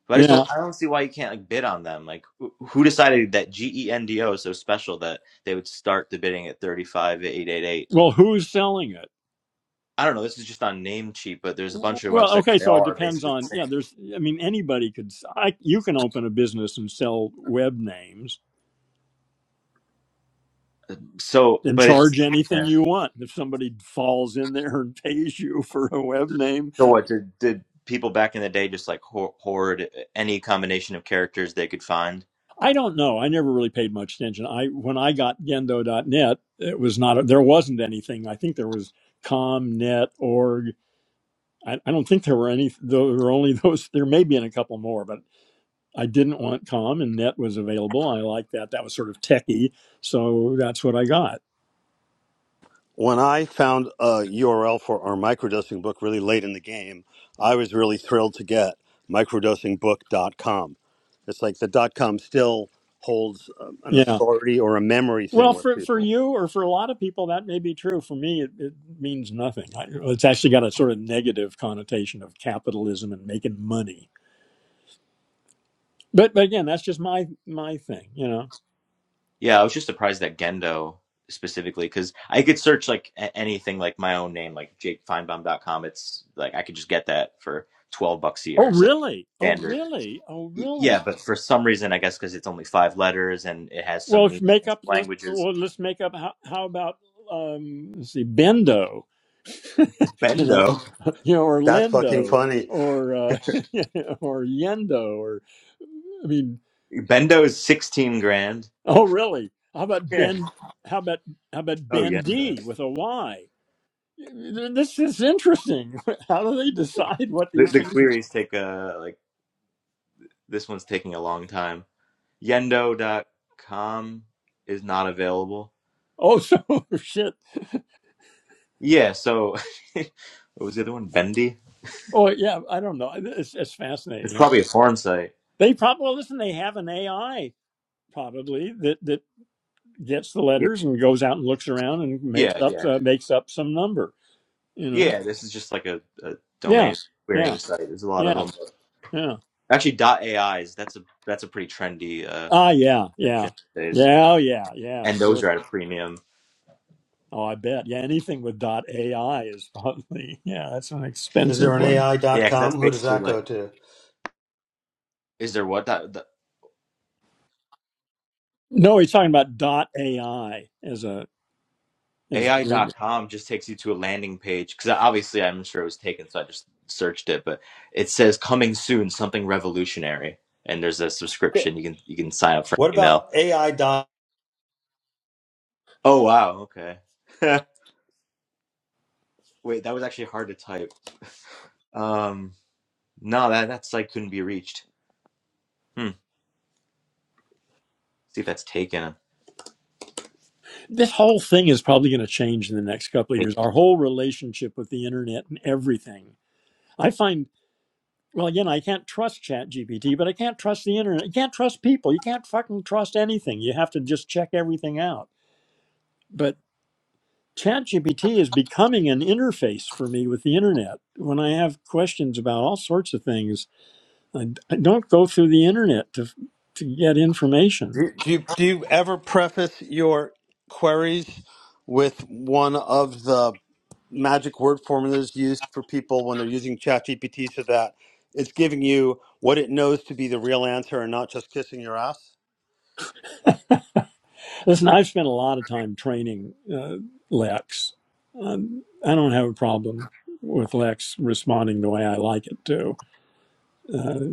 But I just
Yeah.
don't, I don't see why you can't like bid on them. Like, who who decided that G E N D O is so special that they would start the bidding at thirty-five eight eight eight.
Well, who's selling it?
I don't know. This is just on Namecheap, but there's a bunch of
Well,
websites.
okay,
They
so
all
it
are
depends
basically the
on yeah.
same.
There's, I mean, anybody could. s- I you can open a business and sell web names
So,
and
but it's
charge anything
yeah.
you want. If somebody falls in there and pays you for a web name,
so what did did people back in the day just like ho- hoard any combination of characters they could find?
I don't know. I never really paid much attention. I when I got gendo dot net, it was not A, there wasn't anything. I think there was com, net, org. I, I don't think there were any. There were only those. There may be in a couple more, but I didn't want com and net was available. I liked that. That was sort of techie, so that's what I got.
When I found a URL for our microdosing book really late in the game, I was really thrilled to get microdosingbook.com. It's like the dot com still holds um, an
Yeah.
authority or a memory thing
Well,
with
for for
people.
you or for a lot of people, that may be true. For me, it, it means nothing. I, it's actually got a sort of negative connotation of capitalism and making money But but again, that's just my my thing, you know.
Yeah, I was just surprised that Gendo specifically because I could search like a- anything like my own name, like JakeFeinbaum.com. It's like I could just get that for twelve bucks a
Oh
year. So
really? Oh
standard.
really? Oh
Y- Yeah,
really?
but for some reason, I guess because it's only five letters and it has
Well,
some
if
meaning
make
and
up.
some
Let's
languages.
well, let's make up. How, how about um, let's see, Bendo, you know,
Bendo,
you know, or
That's fucking
Lindo,
funny.
or uh, or Yendo, or I mean,
Bendo is sixteen grand
oh really? How about
Yeah.
Ben? How about how about
Oh,
Ben
Yendo.
D with a Y? This is interesting. How do they decide what
The
these
the
things? Are?
queries take a like this one's taking a long time. Yendo. dot com is not available.
Oh, so shit.
Yeah, so what was the other one? Bendy?
Oh yeah, I don't know. It's, it's
It's
fascinating. Yeah,
probably a foreign site.
they probably well, listen. They have an AI probably that that gets the
Yeah.
letters and goes out and looks around and makes
Yeah,
up
yeah.
uh, makes up some number. You know?
Yeah, this is just like a, a
Yeah,
domain
yeah,
querying site. There's a lot of
yeah,
them.
yeah.
Actually, dot AIs, that's a that's a pretty trendy uh
Ah, yeah, yeah,
option these days.
yeah, oh, yeah, yeah.
And
Sure.
those are at a premium.
Oh, I bet. Yeah, anything with dot AI is probably yeah. That's an
Is there
expensive
an
one.
Yeah, because
AI.com?
that's
Who does
basically
that
like
go to?
is there what dot?
No, he's talking about dot AI as a as
AI
the number.
dot com just takes you to a landing page because obviously I'm sure it was taken, so I just searched it. But it says coming soon, something revolutionary, and there's a
Okay.
subscription you can you can sign up for
What
an email.
about AI. dot-
Oh wow, okay. Wait, that was actually hard to type. Um, no, that that site couldn't be reached. Hmm. See if that's taken.
this whole thing is probably going to change in the next couple of years. Our whole relationship with the internet and everything. I find, well, again, I can't trust Chat GPT, but I can't trust the internet. You can't trust people. You can't fucking trust anything. You have to just check everything out. But Chat GPT is becoming an interface for me with the internet. When I have questions about all sorts of things, I, I don't go through the internet to to get information.
Do do you, do you ever preface your queries with one of the magic word formulas used for people when they're using ChatGPT so that it's giving you what it knows to be the real answer and not just kissing your ass?
Listen, I've spent a lot of time training uh, Lex. Um, I don't have a problem with Lex responding the way I like it to. Uh,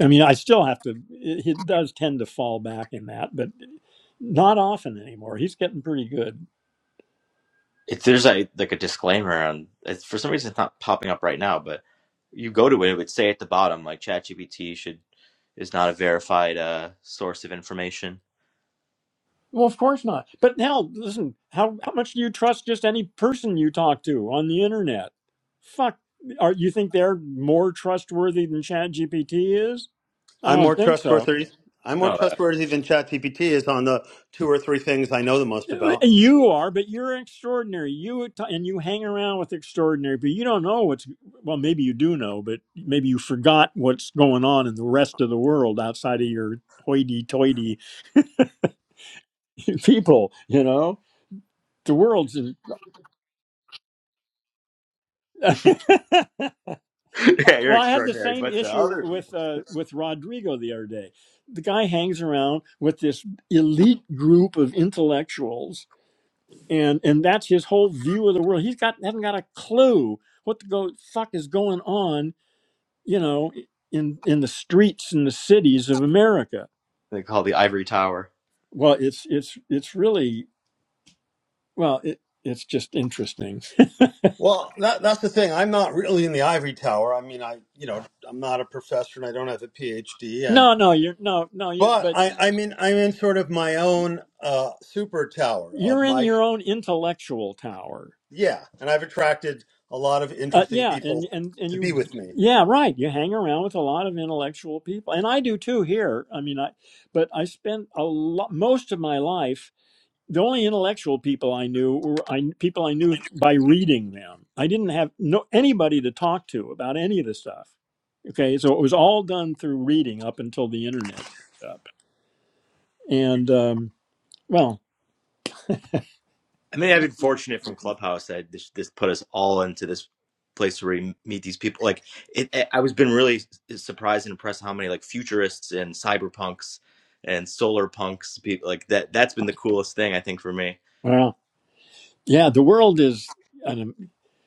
I mean, I still have to, he does tend to fall back in that, but not often anymore. He's getting pretty good.
If there's a like a disclaimer on, it's, for some reason it's not popping up right now, but you go to it, it would say at the bottom like ChatGPT should is not a verified uh, source of information
Well, of course not. But now, listen, how, how much do you trust just any person you talk to on the internet? Fuck. Are, you think they're more trustworthy than ChatGPT is? I
I'm
don't
more
think so.
trustworthy. I'm
No,
more
uh,
trustworthy than ChatGPT is on the two or three things I know the most about.
You are, but you're extraordinary. You and you hang around with extraordinary, but you don't know what's well. Maybe you do know, but maybe you forgot what's going on in the rest of the world outside of your hoity-toity people. You know, the world's. In, well,
yeah, you're
I had the
extraordinary.
same
But the
issue
other
with
people
uh, with Rodrigo the other day. The guy hangs around with this elite group of intellectuals and and that's his whole view of the world. He's got hasn't got a clue what the go, fuck is going on, you know, in in the streets and the cities of America.
they call the ivory tower.
Well, it's it's it's really well, it it's just interesting.
Well, that that's the thing. I'm not really in the ivory tower. I mean, I you know I'm not a professor and I don't have a PhD. And
no, no, you're no, no, you
but
but
I I mean I'm in I'm in sort of my own uh, super tower of
you're in
my
your own intellectual tower.
yeah, and I've attracted a lot of
Uh,
interesting
yeah, and
people
and and
to
you,
be with me.
yeah, right. You hang around with a lot of intellectual people, and I do too here. I mean, I, but I spent a lot, most of my life the only intellectual people I knew were I, people I knew by reading them. I didn't have no anybody to talk to about any of the stuff. Okay, so it was all done through reading up until the internet showed up. And um, well,
I mean, I've been fortunate from Clubhouse that this, this put us all into this place where we meet these people. Like, it, it- I was been really surprised and impressed how many like futurists and cyberpunks and solar punks people like that. That's been the coolest thing I think for me.
well, yeah, the world is. an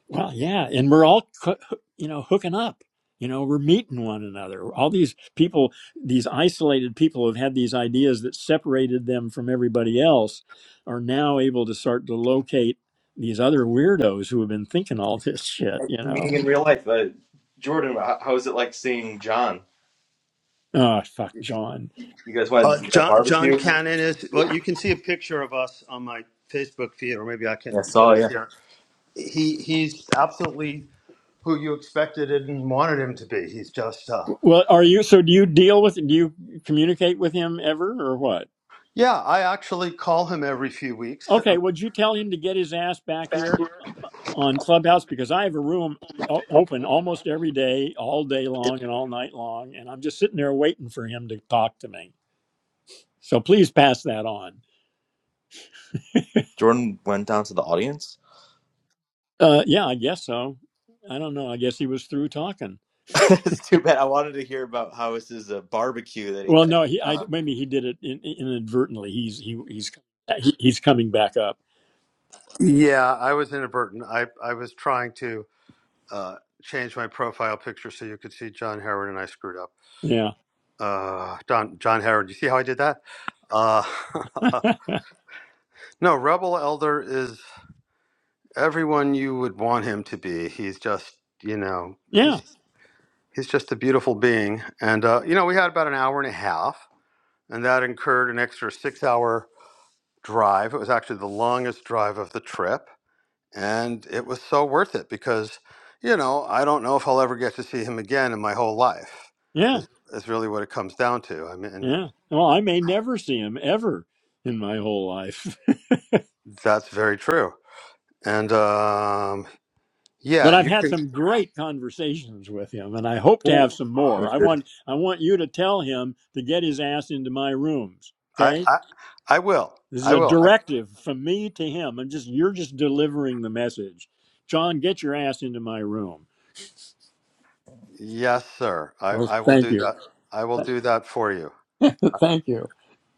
Well, yeah, and we're all co- you know hooking up. You know, we're meeting one another. All these people, these isolated people who have had these ideas that separated them from everybody else, are now able to start to locate these other weirdos who have been thinking all this shit.
And
You know,
Meeting in real life, uh, Jordan. How, how was it like seeing John?
oh fuck, John.
You guys went
Uh,
to a
John John
barbecue.
Cannon is well. You can see a picture of us on my Facebook feed, or maybe I
I
can get
saw.
it
Yeah,
here. He he's absolutely who you expected and wanted him to be. He's just uh,
Well, are you? So, do you deal with? Do you communicate with him ever, or what?
yeah. I actually call him every few weeks.
Okay, would you tell him to get his ass back here? on Clubhouse because I have a room o- open almost every day, all day long, and all night long, and I'm just sitting there waiting for him to talk to me. So please pass that on.
Jordan went down to the audience.
Uh, yeah, I guess so. I don't know. I guess he was through talking.
That's too bad. I wanted to hear about how this is a barbecue that he
Well,
had.
no, he I,
Uh-huh.
maybe he did it in, in- inadvertently. He's he he's he- he's coming back up.
Yeah, I was inadvertent. I, I was trying to uh, change my profile picture so you could see John Howard, and I screwed up.
Yeah,
Uh, Don, John Howard, you see how I did that? Uh, no, Rebel Elder is everyone you would want him to be. He's just, you know,
yeah,
he's he's just a beautiful being. And uh, you know, we had about an hour and a half, and that incurred an extra six-hour drive. It was actually the longest drive of the trip and it was so worth it because you know i don't know if i'll ever get to see him again in my whole life
yeah,
is, is really what it comes down to i mean
yeah. Well, I may never see him ever in my whole life.
that's very true and um yeah
but I've
you
had
can
some great conversations with him, and I hope to
oh,
have some
Me
more. I
too.
want I want you to tell him to get his ass into my rooms.
i
Okay,
i i will
this is
i
a
will I,
directive from me to him. I'm just you're just delivering the message. John, get your ass into my room.
yes sir i
Oh,
i will
thank
do
you,
that i will do that for you
thank you.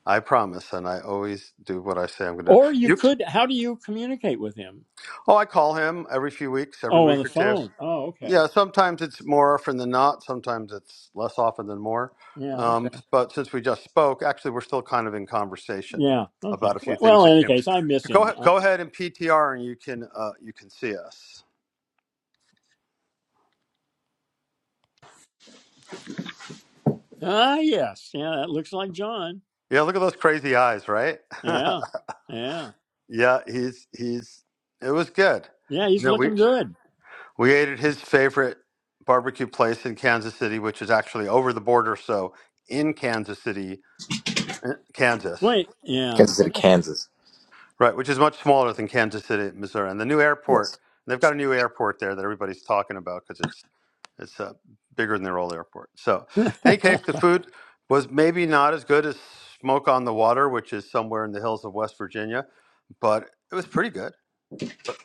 i promise and i always do what i say i'm going to do
Or you
you
could. How do you communicate with him?
oh i call him every few weeks every
Oh, on the
week or two
phone. Oh, okay.
Yeah, sometimes it's more often than not. Sometimes it's less often than more.
Yeah.
Um,
Okay.
but since we just spoke, actually, we're still kind of in conversation
Yeah. Okay.
about a few
W-
things
Well, in
that
any
came.
case, I miss
Go
him.
ahead,
I-
go ahead and PTR, and you can uh, you can see us.
Ah, yes. Yeah, that looks like John.
Yeah, look at those crazy eyes, right?
Yeah. Yeah.
yeah, he's he's. It was good.
Yeah, he's
No, we
looking good.
we ate at his favorite barbecue place in Kansas City, which is actually over the border, so in Kansas City, eh, Kansas.
Wait, yeah.
Kansas City,
Oh, that's
Kansas.
Right, which is much smaller than Kansas City, Missouri, and the new
Yes.
airport. They've got a new airport there that everybody's talking about because it's it's uh, bigger than their old airport. So, in any case, the food was maybe not as good as Smoke on the Water, which is somewhere in the hills of West Virginia, but it was pretty good. But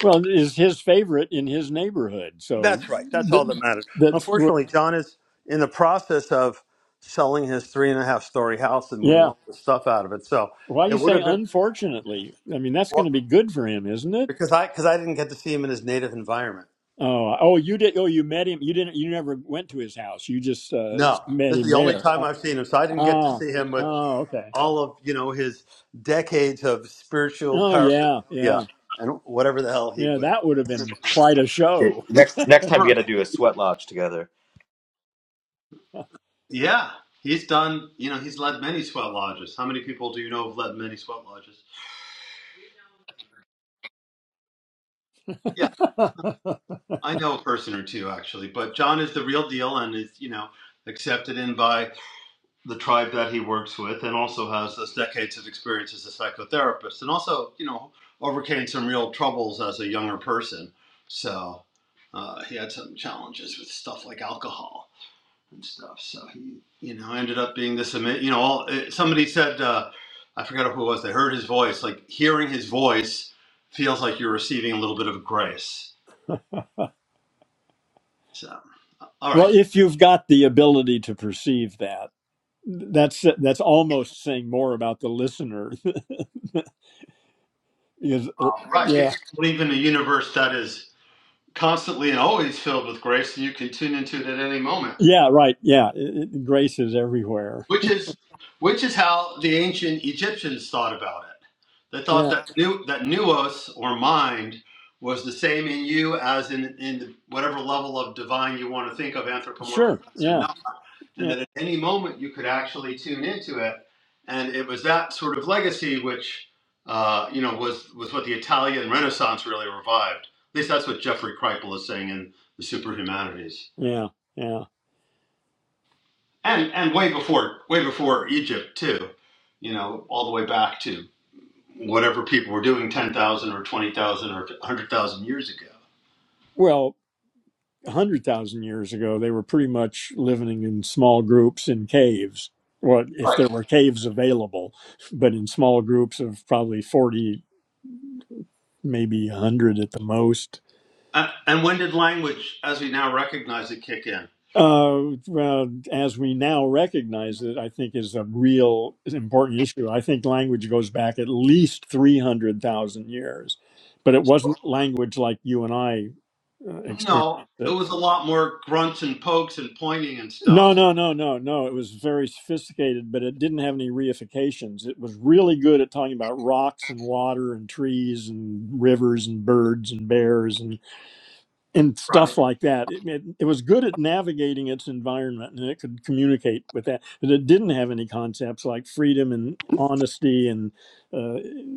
well, is his favorite in his neighborhood. So
that's right. That's
th-
all that mattered.
that's what-
Unfortunately, John is in the process of selling his three and a half story house and moving
yeah.
all the stuff out of it. So
Why
it
you
would
say
have been
unfortunately? I mean, that's going to
well,
be good for him, isn't it?
because I because I didn't get to see him in his native environment.
Oh, oh, you did. Oh, you met him. You didn't. You never went to his house. You just uh,
No,
met
this is
him
the only
there.
time
Uh,
I've seen him. So I didn't get to
oh,
see him with
oh, okay.
all of you know his decades of spiritual
Oh, yeah, yeah,
paraphernalia and whatever the hell he
yeah.
was.
That would have been quite a
Here,
show.
Next next time you
Right.
got to do a sweat lodge together.
Yeah, he's done. You know, he's led many sweat lodges. How many people do you know have led many sweat lodges? Yeah,
well,
I know a person or two actually, but John is the real deal and is you know accepted in by the tribe that he works with and also has this decades of experience as a psychotherapist and also you know overcame some real troubles as a younger person so uh, he had some challenges with stuff like alcohol and stuff so he you know ended up being this ama- you know all, eh, somebody said uh, i forgot who it was they heard his voice like hearing his voice feels like you're receiving a little bit of grace so all right
if you've got the ability to perceive that. that's that's almost saying more about the listener because
all right
yeah
if you believe in a universe that is constantly and always filled with grace, and you can tune into it at any moment.
yeah right yeah it, it- grace is everywhere
Which is which is how the ancient Egyptians thought about it. They thought
yeah
that new that nous or mind was the same in you as in in the, whatever level of divine you want to think of
sure
anthropomorphized or
yeah
not, and
yeah
that at any moment you could actually tune into it. And it was that sort of legacy which uh, you know was was what the Italian Renaissance really revived. At least that's what Jeffrey Kripal is saying in the Superhumanities.
yeah yeah
and and way before way before Egypt too, you know, all the way back to whatever people were doing ten thousand or twenty thousand or hundred thousand years ago.
well 100,000 years ago they were pretty much living in small groups in caves well if
Right.
there were caves available but in small groups of probably 40 maybe 100 at the most
Uh, and when did language, as we now recognize it, kick in?
Uh, well, as we now recognize it, I think is a real is an important issue. I think language goes back at least 300,000 years, but it wasn't language like you and I uh, experienced
No, it
it.
was a lot more grunts and pokes and pointing and
No,
stuff.
no, no, no, no. It was very sophisticated, but it didn't have any reifications. It was really good at talking about rocks and water and trees and rivers and birds and bears and. and
Right.
stuff like that. It, it, it was good at navigating its environment and it could communicate with that, but it didn't have any concepts like freedom and honesty and uh,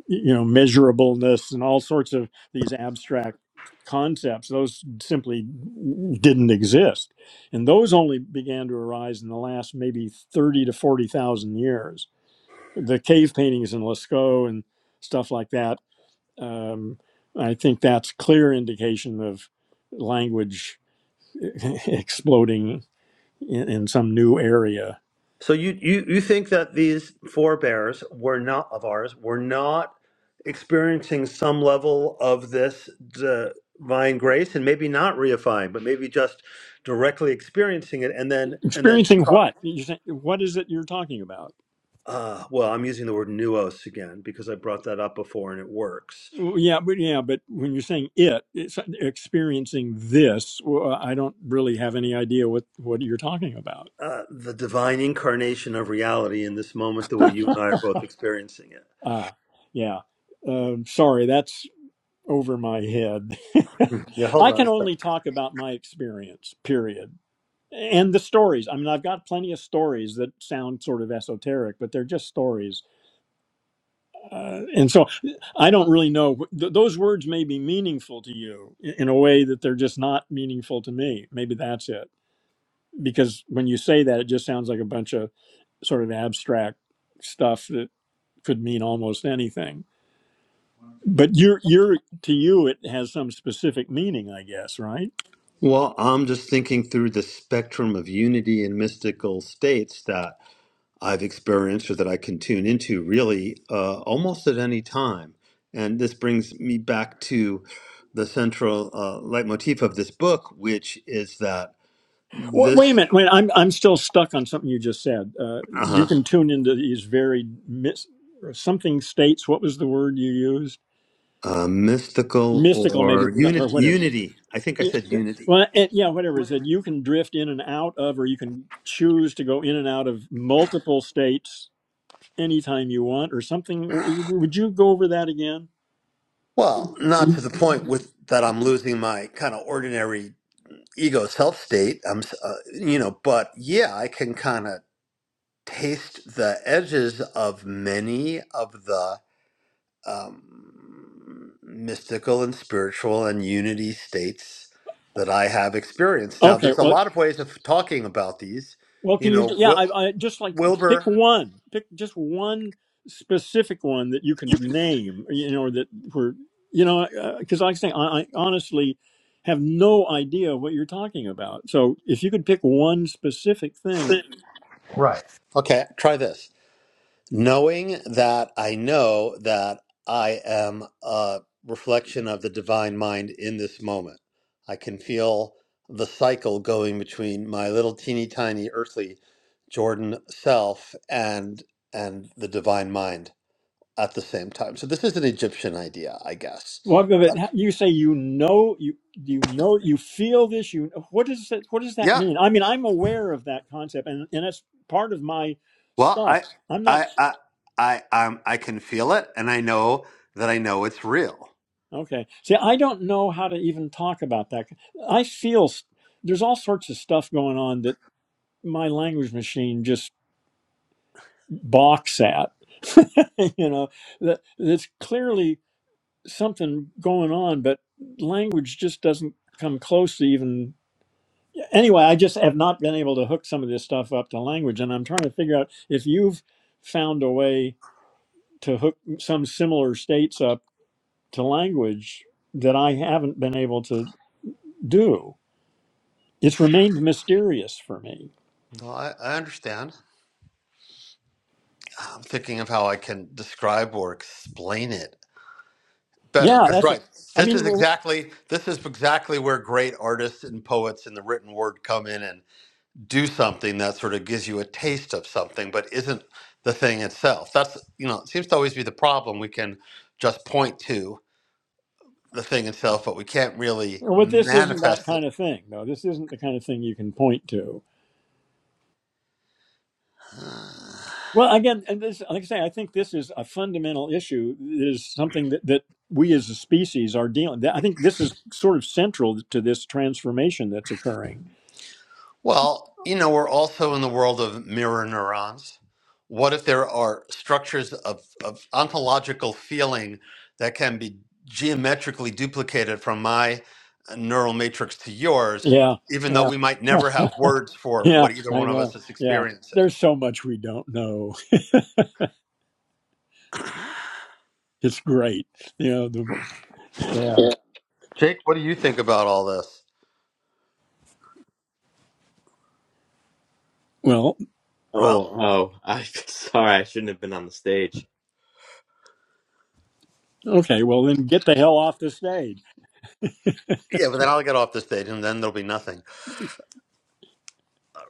you know measurableness and all sorts of these abstract concepts. Those simply didn't exist, and those only began to arise in the last maybe thirty to forty thousand years. The cave paintings in Lascaux and stuff like that um, I think that's clear indication of language exploding in, in some new area.
So you, you, you think that these forebears were not of ours, were not experiencing some level of this divine grace and maybe not reifying, but maybe just directly experiencing it and then and then
Experiencing
talk
what? You're saying, what is it you're talking about?
uh, well, I'm using the word nuos again because I brought that up before and it works.
Well, yeah, but yeah, but when you're saying it, it's like experiencing this. Well, I don't really have any idea what what you're talking about.
Uh, the divine incarnation of reality in this moment, the way you and I are both experiencing it.
Ah, yeah. Um sorry, that's over my head.
Yeah,
I
hold on
can
a second.
only talk about my experience. Period. and the stories i mean i've got plenty of stories that sound sort of esoteric but they're just stories uh, and so i don't really know th- those words may be meaningful to you i- in a way that they're just not meaningful to me maybe that's it because when you say that it just sounds like a bunch of sort of abstract stuff that could mean almost anything but you're you're to you it has some specific meaning i guess right
Well, I'm just thinking through the spectrum of unity and mystical states that I've experienced or that I can tune into really uh, almost at any time. And this brings me back to the central uh, leitmotif of this book, which is that
Wait,
this
wait a minute. Wait, I'm I'm still stuck on something you just said. Uh, you
uh-huh,
can tune into these very mis- or something states. What was the word you used?
uh, mystical
Mystical, maybe,
or
or
unit,
whatever.
unity, I think I
Yeah,
said unity.
well, it, yeah, whatever is it. You can drift in and out of, or you can choose to go in and out of multiple states anytime you want, or something. W- Would you go over that again?
Well, not to the point with that I'm losing my kind of ordinary ego self state. I'm, s- uh, you know, but yeah, I can kind of taste the edges of many of the um, mystical and spiritual and unity states that I have experienced. Now,
Okay.
there's a
Well,
lot of ways of talking about these.
Well,
You
can you?
know,
Yeah,
Wil-
I, I just like pick
Wilbur.
one. Pick just one specific one that you can name. You know that were you know because like I say, I, I honestly have no idea what you're talking about. So if you could pick one specific thing,
Right. Okay, try this. knowing that I know that I am a reflection of the divine mind in this moment. I can feel the cycle going between my little teeny tiny earthly Jordan self and and the divine mind at the same time. So this is an Egyptian idea, I guess.
what of it?
But-
You say you know you you know you feel this. You what does that what does that
Yeah.
mean? I mean, I'm aware of that concept, and and that's part of my
Well,
stuff.
I
I'm not
I I I um, I can feel it and I know that I know it's real.
Okay. See, I don't know how to even talk about that. I feel s- there's all sorts of stuff going on that my language machine just balks at. you know, that that's clearly something going on, but language just doesn't come close to even. Anyway, I just have not been able to hook some of this stuff up to language, and I'm trying to figure out if you've found a way to hook some similar states up to language that I haven't been able to do. it's remained mysterious for me.
Well, I, I understand. I'm thinking of how I can describe or explain it better.
Yeah,
Because
that's. A,
right,
I
this is
mean, well,
exactly this is exactly where great artists and poets and the written word come in and do something that sort of gives you a taste of something, but isn't the thing itself. That's you know, it seems to always be the problem. We can just point to the thing itself, but we can't really
what this isn't that
manifest
kind of thing, though. This isn't the kind of thing you can point to.
it.
Well, again, and this, like I say, I think this is a fundamental issue. It is something that that we as a species are dealing. I think this is sort of central to this transformation that's occurring.
Well, you know, we're also in the world of mirror neurons. What if there are structures of, of ontological feeling that can be geometrically duplicated from my uh, neural matrix to yours,
Yeah,
even though
yeah,
we might never have words for
yeah.
what either
I
one of
know.
us is
Yeah,
experiencing?
there's so much we don't know. It's great. You know. The, yeah.
Yeah. Jake, what do you think about all this?
Well,
Well,
Oh, oh, I sorry, I shouldn't have been on the stage.
okay. Well, then get the hell off the stage.
yeah, but then I'll get off the stage, and then there'll be nothing.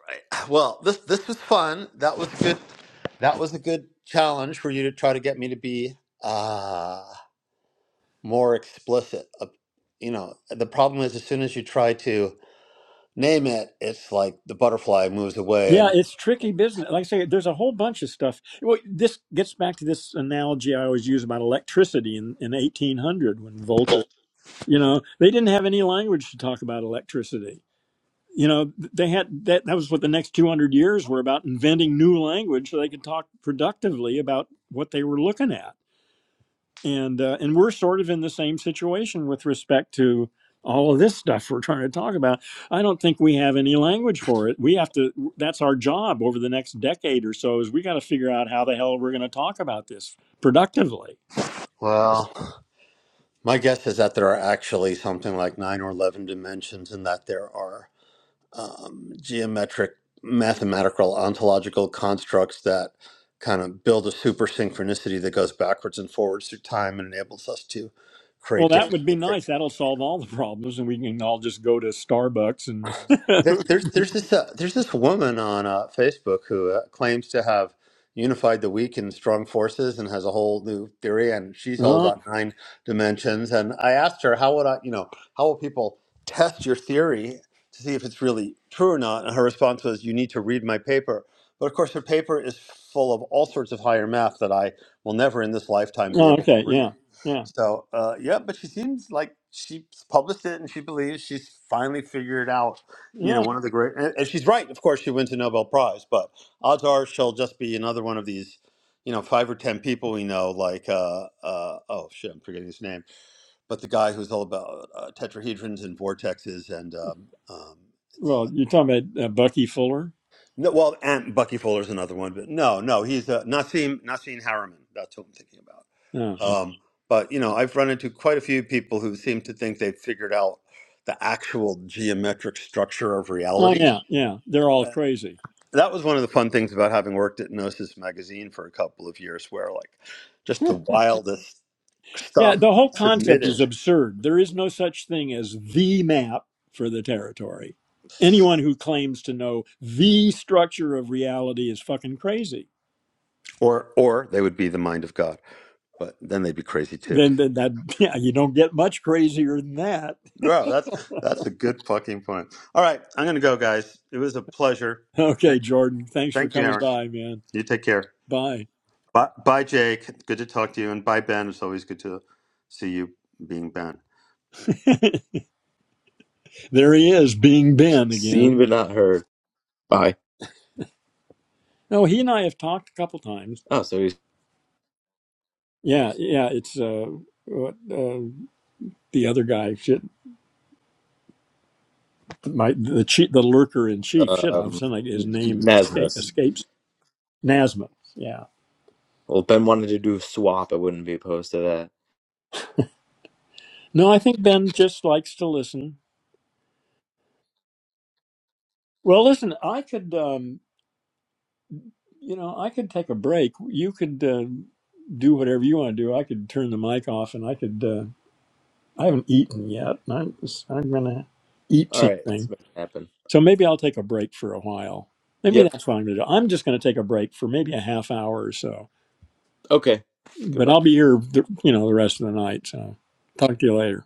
Right. Well, this this was fun. That was good. That was a good challenge for you to try to get me to be. ah. more explicit. Uh, You know, the problem is as soon as you try to name it, it's like the butterfly moves away.
Yeah,
And
it's tricky business. Like I say, there's a whole bunch of stuff. Well, this gets back to this analogy I always use about electricity in, in 1800 when Volta, you know, they didn't have any language to talk about electricity. You know, they had that, that was what the next 200 years were about inventing new language so they could talk productively about what they were looking at and uh, and we're sort of in the same situation with respect to all of this stuff we're trying to talk about. I don't think we have any language for it. We have to. That's our job over the next decade or so. Is we got to figure out how the hell we're going to talk about this productively.
well, my guess is that there are actually something like nine or 11 dimensions and that there are um, geometric, mathematical, ontological constructs that kind of build a super synchronicity that goes backwards and forwards through time and enables us to
Well,
create
that
different
would be nice. That'll solve all the problems, and we can all just go to Starbucks and.
There, there's there's this uh, there's this woman on uh, Facebook who uh, claims to have unified the weak and strong forces and has a whole new theory, and she's all
oh,
about nine dimensions. And I asked her how would I, you know, how will people test your theory to see if it's really true or not? And her response was, "You need to read my paper." But of course, her paper is full of all sorts of higher math that I will never in this lifetime be
oh,
able to
okay.
read.
Yeah. Yeah.
So, uh, yeah, but she seems like she's published it and she believes she's finally figured out you know,
Yeah.
one of the great, and, and she's right. Of course, she wins a Nobel Prize, but odds are she'll just be another one of these, you know, five or ten people we know, like, uh, uh, oh shit, I'm forgetting his name, but the guy who's all about uh, tetrahedrons and vortexes and, um, um, it's,
Well,
uh,
you're talking about uh, Bucky Fuller.
no, well, and Bucky Fuller's another one, but no, no, he's uh, Nassim Nassim Harriman. That's who I'm thinking about.
Oh,
Um, but you know, I've run into quite a few people who seem to think they've figured out the actual geometric structure of
oh,
reality
yeah. Yeah. They're all
uh,
crazy.
that was one of the fun things about having worked at Gnosis magazine for a couple of years, where like just the wildest
Yeah,
stuff would
the
be
whole concept is
submitted,
absurd. There is no such thing as the map for the territory. Anyone who claims to know the structure of reality is fucking crazy.
or or they would be the mind of God, but then they'd be crazy too.
Then, then that yeah, you don't get much crazier than that.
Bro, that's that's a good fucking point. All right, I'm gonna go, guys. It was a pleasure.
Okay,
Thank,
Jordan, thanks for
thank you,
coming
Aaron.
by, man.
You take care.
Bye.
Bye, bye, Jake. Good to talk to you, and bye, Ben. It's always good to see you being Ben.
there he is, being Ben
Seen
again.
but not heard. Bye.
No, he and I have talked a couple times.
Oh, so he's
Yeah, yeah, it's uh, what, uh the other guy. shit. my the chief, the lurker in chief. Shit, all of a
um
sudden like, his
N-
name escape,
Nasmus.
escapes Nasma. Yeah.
Well, if Ben wanted to do a swap. I wouldn't be opposed to that.
No, I think Ben just likes to listen. Well, listen, I could, um, you know, I could take a break. You could uh, do whatever you want to do. I could turn the mic off, and I could. Uh, I haven't eaten yet. and I'm I'm gonna eat
All right, let's
something.
make it happen.
So maybe I'll take a break for a while. Maybe
Yep.
that's what I'm gonna do. I'm just gonna take a break for maybe a half hour or so.
Okay.
But
Goodbye.
I'll be here, the, you know, the rest of the night. So talk to you later.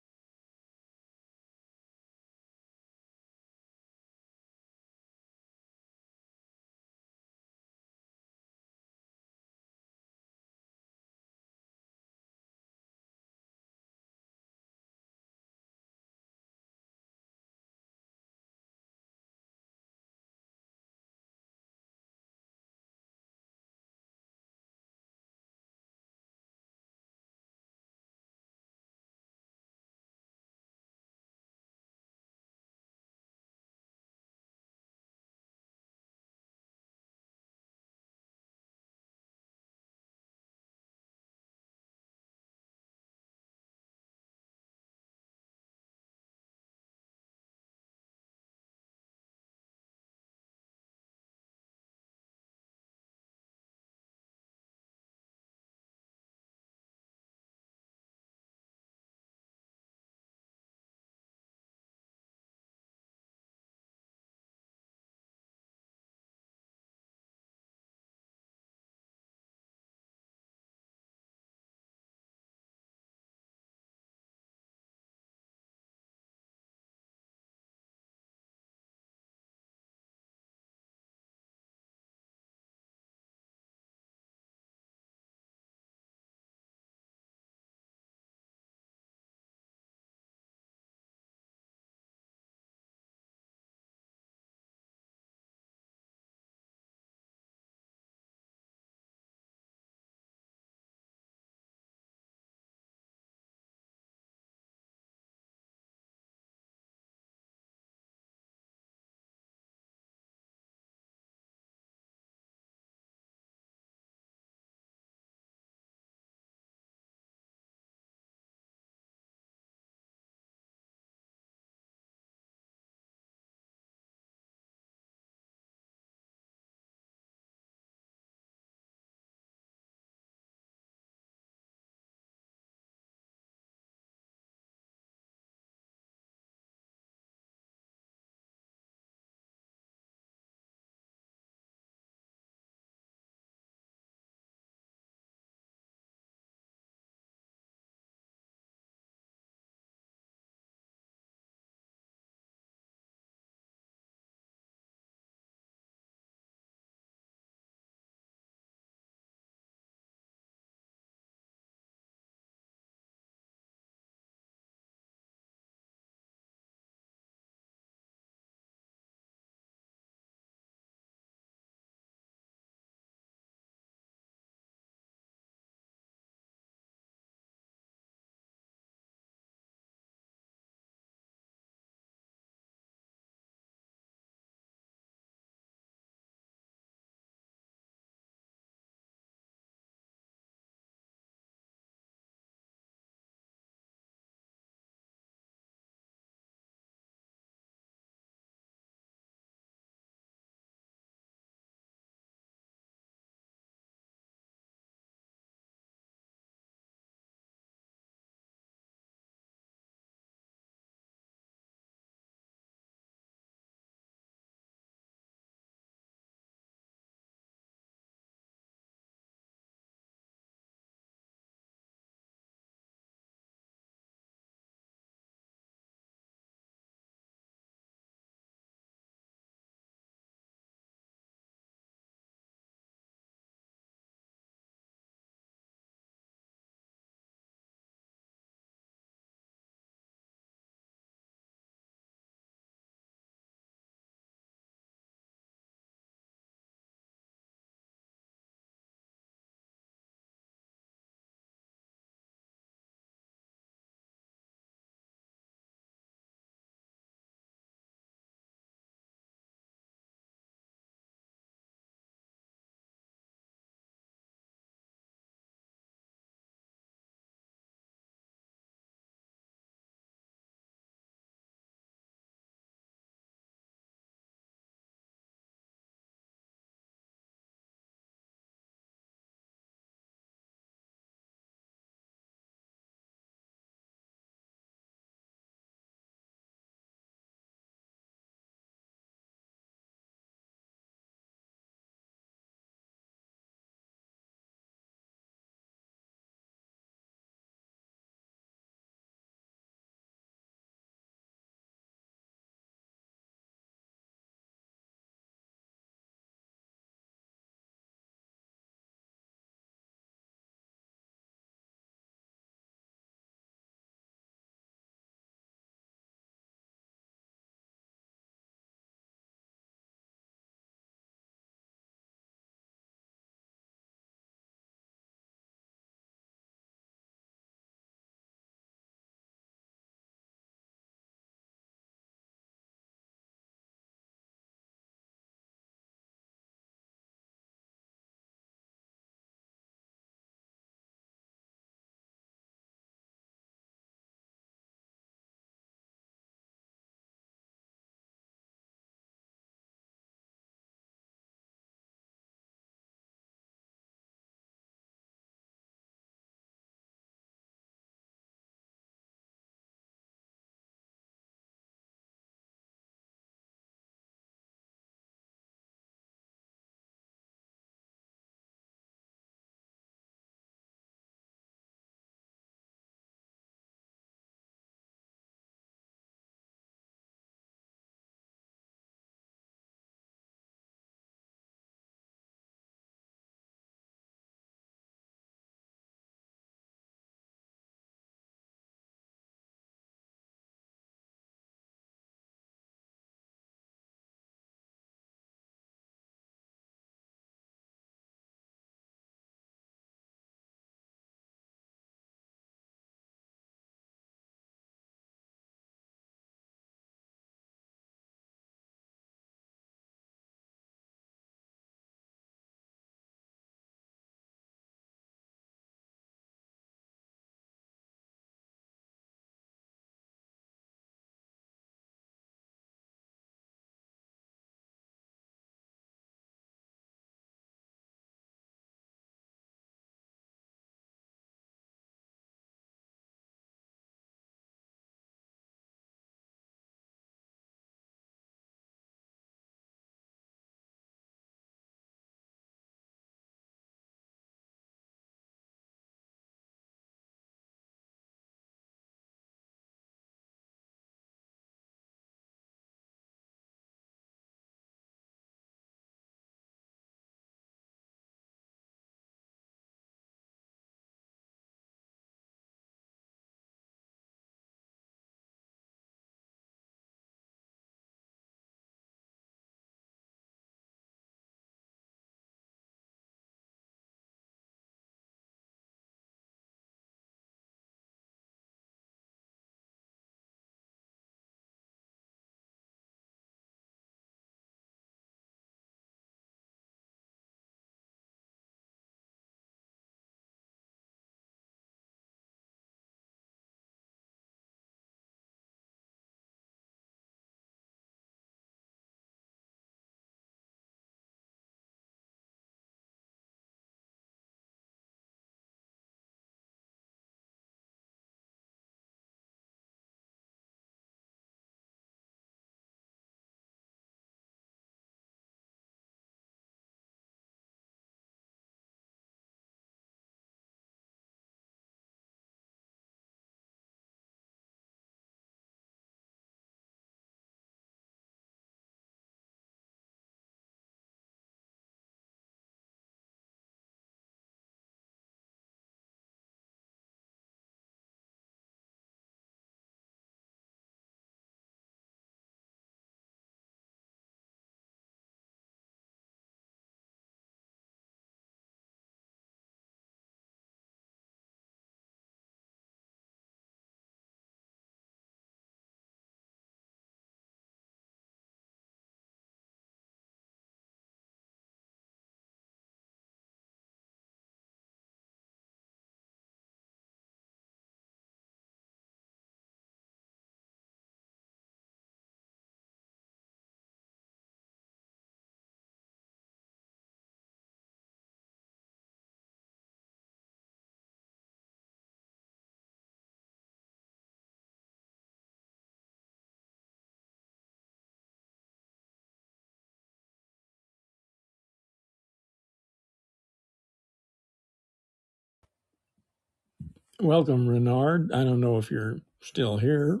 Welcome, Renard. I don't know if you're still here,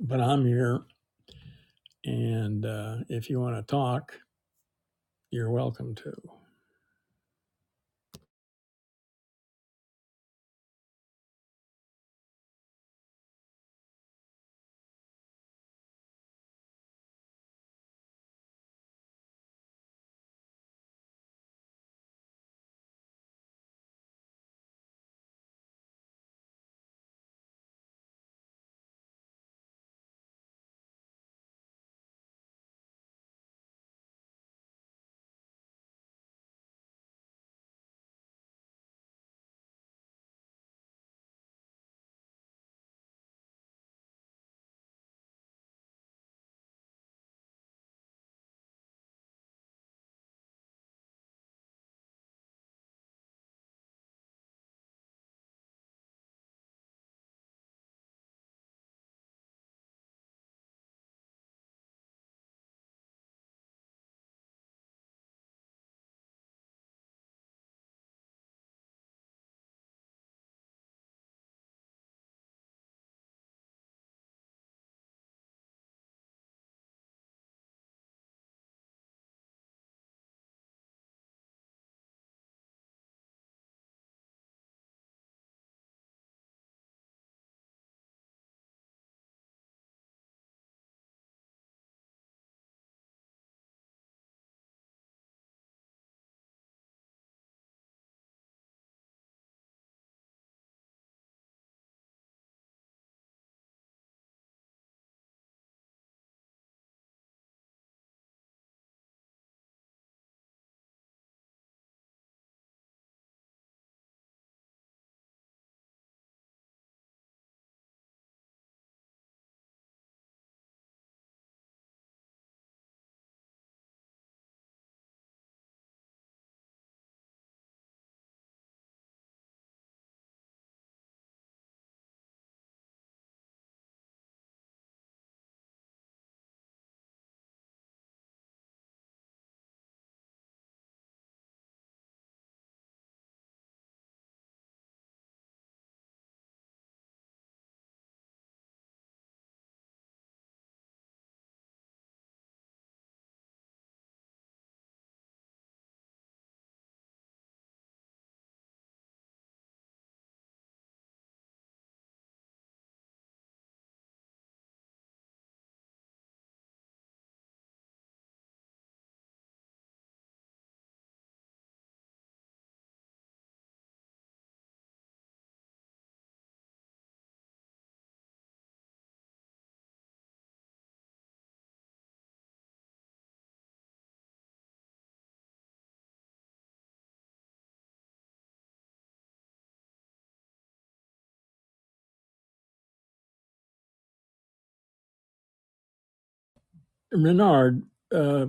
but I'm here. And uh, if you want to talk, you're welcome to. Renard, uh,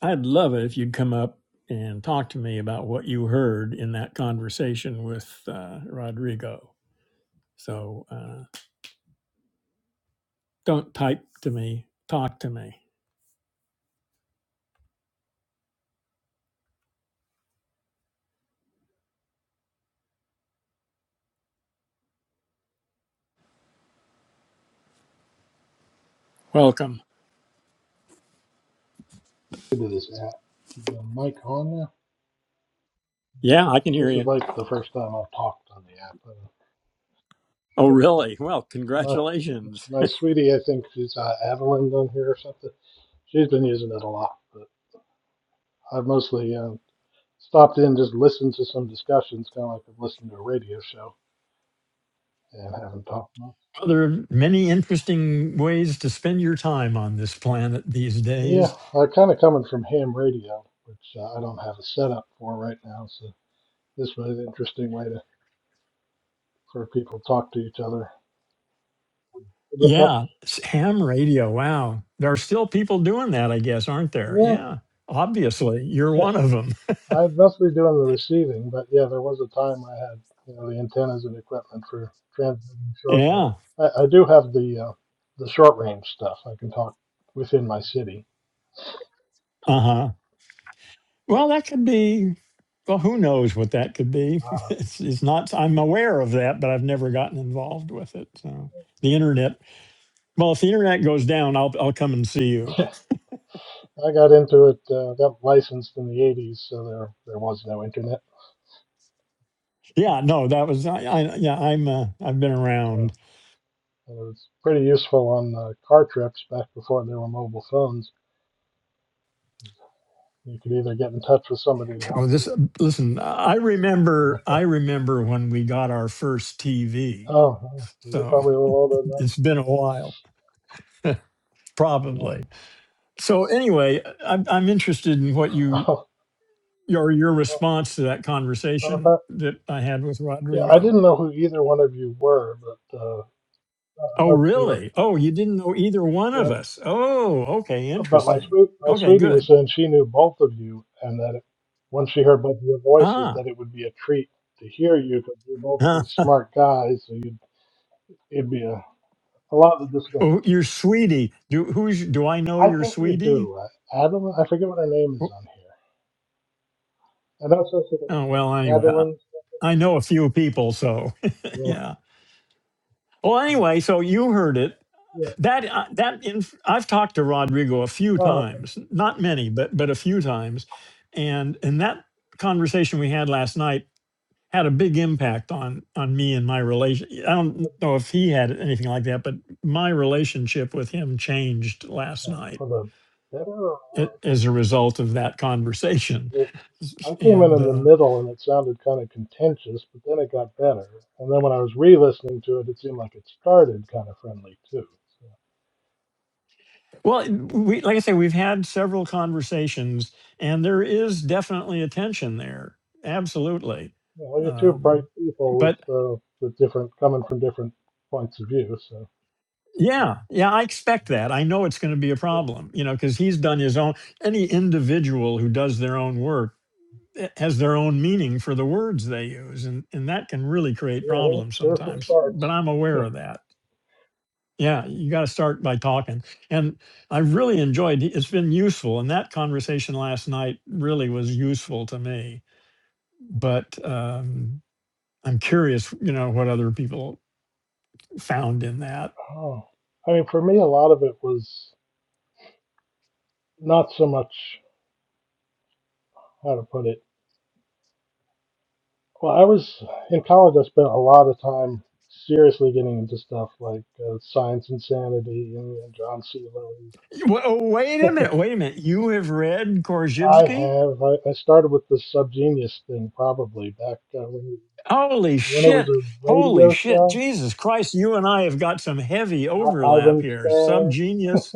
I'd love it if you'd come up and talk to me about what you heard in that conversation with uh, Rodrigo. So uh, don't type to me, talk to me. Welcome.
Into this app. Is the mic on now?
Yeah, I can hear
This is
you.
like the first time I've talked on the app. Uh,
Oh, really? Well,
my,
congratulations.
my sweetie, I think she's uh, Adeline on here or something. She's been using it a lot, but I've mostly um, stopped in just listened to some discussions, kind of like I've listened to a radio show and haven't talked much.
Well, There are many interesting ways to spend your time on this planet these
Yeah,
days.
uh, kind of coming from ham radio, which uh, I don't have a setup for right now, so this was an interesting way to for people to talk to each other with much.
Yeah, s- ham radio. Wow. There are still people doing that, I guess, aren't there?
Yeah,
Yeah, obviously. You're one of them.
I'd mostly doing the receiving, but yeah, there was a time I had you know the antennas and equipment for transmitting short range.
Yeah.
I, I do have the uh, the short range stuff. I can talk within my city.
Uh
But,
huh. Well, that could be, well, who knows what that could be.
uh,
It's, it's not, I'm aware of that, but I've never gotten involved with it. So the internet, well, if the internet goes down, I'll, I'll come and see you.
I got into it, uh, got licensed in the '80s, so there there was no internet.
Yeah, no, that was, I, I yeah, I'm, uh, I've been
Yeah.
around.
And it was pretty useful on uh, car trips back before there were mobile phones. You could either get in touch with somebody to help
Well,
you.
this listen. I remember. I remember when we got our first TV.
Oh, oh, you're
So
probably a little older
it's
than
been a while,
I am. Yeah.
probably. So anyway, I'm, I'm interested in what you your your response to that
Oh, oh,
conversation that I had with
Yeah, I
Rodrigo.
didn't know who either one of you were, but uh, uh,
Oh,
but, uh,
really? Oh, you didn't know either one of
but
us. Oh, okay,
but my
interesting.
sweet my
Okay,
sweetie was
good.
saying she knew both of you, and that it, once she heard both of your voices,
Ah,
that it would be a treat to hear you because you're both
huh.
these smart guys, so you'd it'd be a, a lot to discuss.
oh, your sweetie. Do who's do I know
I
your
think you
sweetie?
do, uh, Adam. I forget what her name is
Wh-
on here. And also,
Oh, well, anyway.
Adeline.
I know a few people, so
Yeah,
yeah. Well, anyway, so you heard it.
yeah.
That uh, that inf- I've talked to Rodrigo a few
Oh, okay.
times, not many, but but a few times, and and that conversation we had last night had a big impact on on me and my relation. I don't know if he had anything like that, but my relationship with him changed last
Oh,
night
for the better or
a- as a result of that conversation,
worse? I came in
and
in the
uh,
middle and it sounded kind of contentious, but then it got better. And then when I was re-listening to it, it seemed like it started kind of friendly too. So,
Well, we, like I say, we've had several conversations, and there is definitely a tension there. Absolutely.
you know, you're two bright
Um,
people with
but
uh, with different coming from different points of view. So
yeah, yeah, I expect that. I know it's going to be a problem, you know, because he's done his own. Any individual who does their own work eh, has their own meaning for the words they use, and, and that can really create
yeah, there,
problems
there were some
sometimes. But
starts.
I'm aware of that. Yeah, you got to start by talking. And I really enjoyed it's been useful. And that conversation last night really was useful to me. But um, I'm curious, you know, what other people found in that.
Oh, I mean, for me, a lot of it was not so much how to put it. Well, I was in college. I spent a lot of time seriously getting into stuff like uh, science insanity and, and John C. Lilly
Wa- oh, wait a minute. Wait a minute. You have read
I
Korzybski?
have. I, I started with the Subgenius thing probably back uh, when,
Holy
when it was
shit.
a
Holy
radio
shit.
show.
Jesus Christ. You and I have got some heavy
I,
overlap
Ivan
here.
Stang,
Subgenius.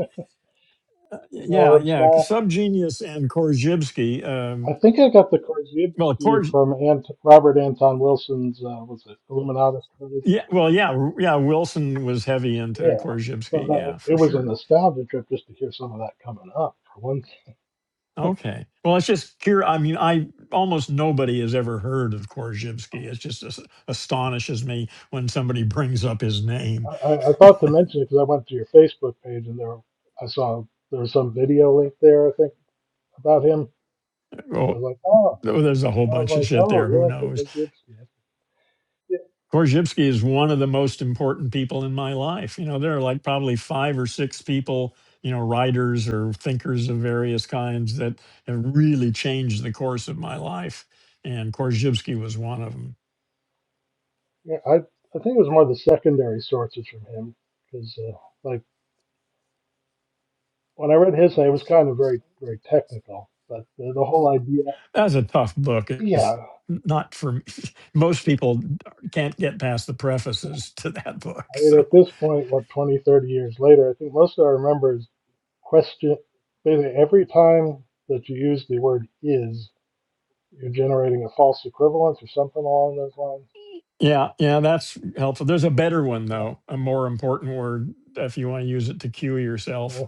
Uh,
you
yeah, yeah.
Slack.
Subgenius and Korzybski. Um,
I think I got the
well,
Korzybski from Ant- Robert Anton Wilson's, uh, was it Illuminatus?
Yeah, well, yeah, r- yeah. Wilson was heavy into
Yeah. So
Korzybski,
that,
yeah,
it
for
was a
sure.
nostalgia trip just to hear some of that coming up. For one,
Okay, well, it's just cure. I mean, I almost nobody has ever heard of Korzybski. It just as- astonishes me when somebody brings up his name.
I, I thought to mention it because I went to your Facebook page and there I saw there was some video link there, I think, about him. So I
Well,
was like, oh.
there's a whole
I was
bunch of
like,
shit
oh
there. Who
yeah,
knows?
because it's yeah, yeah.
Korzybski is one of the most important people in my life. You know, there are like probably five or six people, you know, writers or thinkers of various kinds that have really changed the course of my life. And Korzybski was one of them.
yeah, I I think it was more the secondary sources from him because uh, like when I read his thing, it was kind of very very technical, but the, the whole idea,
That's a tough book. It's
yeah.
not for me. most people can't get past the prefaces to that book.
I think
So,
at this point, what 20 30 years later, I think most of I remember is question. Basically, every time that you use the word "is," you're generating a false equivalence or something along those lines.
yeah, yeah, that's helpful. There's a better one,
Yeah,
though, a more important word if you want to use it to cue yourself
yeah.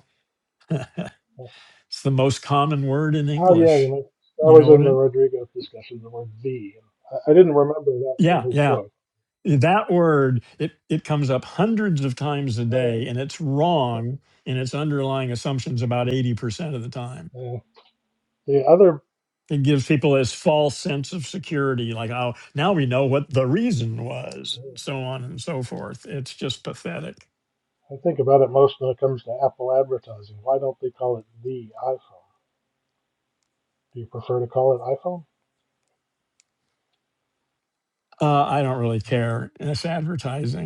yeah.
It's the most common word in
Oh yeah, you
English.
mean, that
You
was
know what
in the
it?
Rodrigo discussion. The word "v." I, I didn't remember that from
Yeah,
his
yeah.
book.
That word it it comes up hundreds of times a
Oh,
day, and it's wrong in its underlying assumptions about eighty percent of the time.
yeah. Yeah. The other,
It gives people this false sense of security, like oh, now we know what the reason was,
yeah,
and so on and so forth. It's just pathetic.
I think about it most when it comes to Apple advertising. Why don't they call it the iPhone? Do you prefer to call it iPhone?
Uh, I don't really
No.
care. It's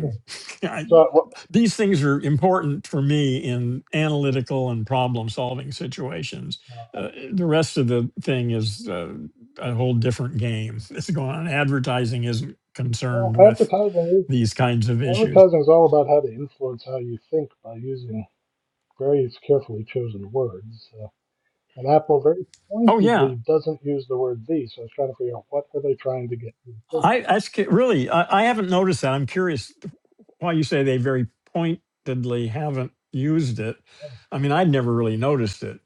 Yeah.
I,
So, what-
these things are important for me in analytical and problem solving situations. Uh, the rest of the thing is uh, a whole different game that's going on. Advertising isn't
well,
concerned with
advertising is
these kinds of issues.
advertising is all about how to influence how you think by using various carefully chosen words. Uh, and Apple very
Oh, yeah.
pointedly doesn't use the word "the," so I was trying to figure out what are they trying to get you to
I that's ca- really, I, I haven't noticed that. I'm curious why you say they very pointedly haven't used it. I mean, I'd never really noticed it.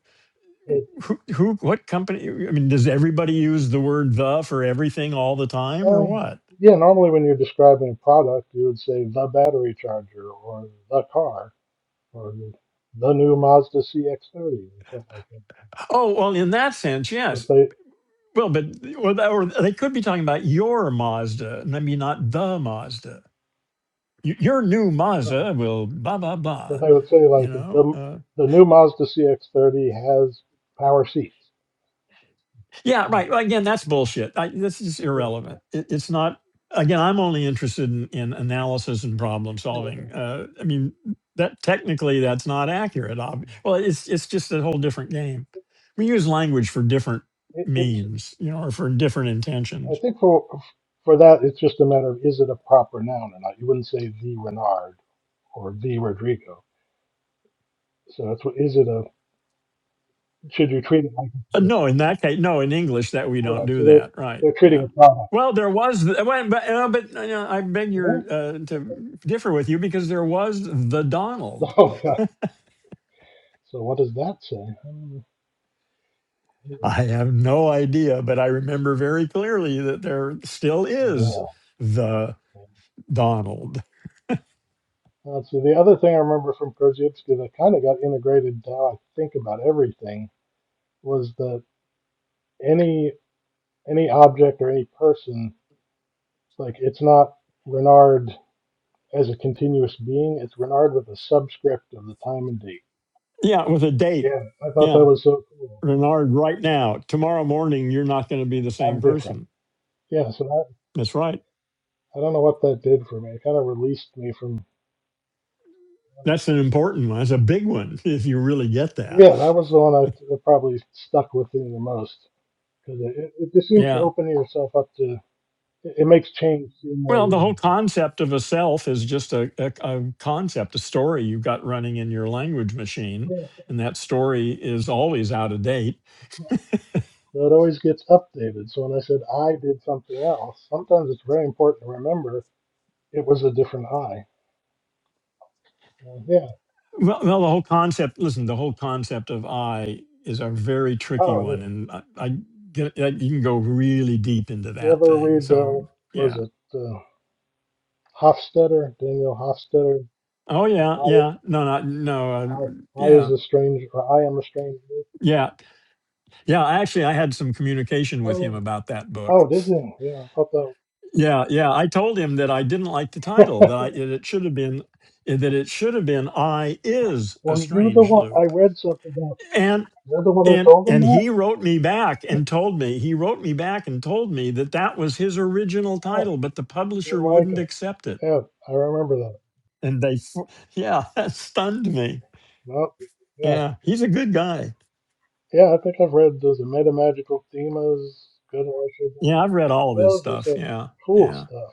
think.
Who, who, what company? I mean, does everybody use the word the for everything all the time or
Um,
what?
yeah, normally when you're describing a product, you would say the battery charger or the car or the, the new Mazda CX-30 or something like that.
Oh, well, in that sense, yes.
But they,
Well, but well, that- or they could be talking about your Mazda, and I mean not the Mazda. Y- Your new
right,
Mazda will blah blah
but
blah.
they would say
You
like
know,
the
uh,
the new Mazda CX-30 has power seats.
yeah, right. Well, Again, that's bullshit. I, this is
Yeah,
irrelevant. It, it's not. Again, I'm only interested in, in analysis and problem
okay.
solving. Uh, I mean, that technically that's not accurate. Ob- well, it's it's just a whole different game. We use language for different
it, it's
means, you know, or for different
I
intentions.
think for for that it's just a matter of is it a proper noun or not. You wouldn't say the Renard or the Rodrigo. So that's what is it a should you treat it like a
Uh,
person?
No, in that case, no, in English that we don't
Right. So
do that, right?
they're, they're treating
Yeah.
a product.
Well, there was, th- well, but, uh, but uh, you know, I beg your uh, to differ with you because there was the Donald.
Oh, so what does that say? Um,
I have no idea, but I remember very clearly that there still is
uh,
the Donald.
Let's see. The other thing I remember from Krzyzewski that kind of got integrated now I think about everything was that any any object or any person, like it's not Renard as a continuous being, it's Renard with a subscript of the time and date.
Yeah, with a date.
Yeah, I thought
Yeah,
that was so cool.
Renard, right now, tomorrow morning, you're not going to be the
I'm
same
different.
person.
Yeah, so I
That's right.
I don't know what that did for me. It kind of released me from.
That's an important one. That's a big one if you really get that.
Yeah, that was the one I, that probably stuck with me the most. because it, it, it just seems to
Yeah.
open yourself up to it, it makes change seem more
Well, the whole
reasonable.
concept of a self is just a, a, a concept, a story you've got running in your language machine.
Yeah.
And that story is always out of date.
So it always gets updated. So when I said I did something else, sometimes it's very important to remember it was a different I. So, yeah.
Well, well the whole concept, listen, the whole concept of I is a very tricky
Oh,
one.
anyway.
And I,
Yeah.
I get uh, you can go really deep into
You
that
ever
thing.
read uh,
So,
was
yeah.
it uh, Hofstadter, Daniel Hofstadter?
Oh,
I,
yeah. Yeah. No, no, no. Uh,
I, I is
yeah.
a stranger. Or I am a stranger.
Yeah. Yeah. Actually, I had some communication with him
Oh,
about that book.
oh, did you? Yeah. I thought.
Yeah, yeah. I told him that I didn't like the title.
that.
That I, it should have been eh, that it should have been "I is a
Were you the
strange
one? I
loop."
read something about.
And
You're the one who
and
told him
and
that.
he wrote me back and told me he wrote me back and told me that that was his original
Oh,
title, but the
didn't
publisher
like
wouldn't
it.
accept it.
Yeah, I remember that.
And they, fu- yeah, that stunned me.
Well, yeah,
Yeah, he's a good guy.
yeah. I think I've read those Metamagical Themas, Good Wishes.
Yeah, I've read all of his
Those are
stuff.
just
Yeah,
cool
yeah,
stuff.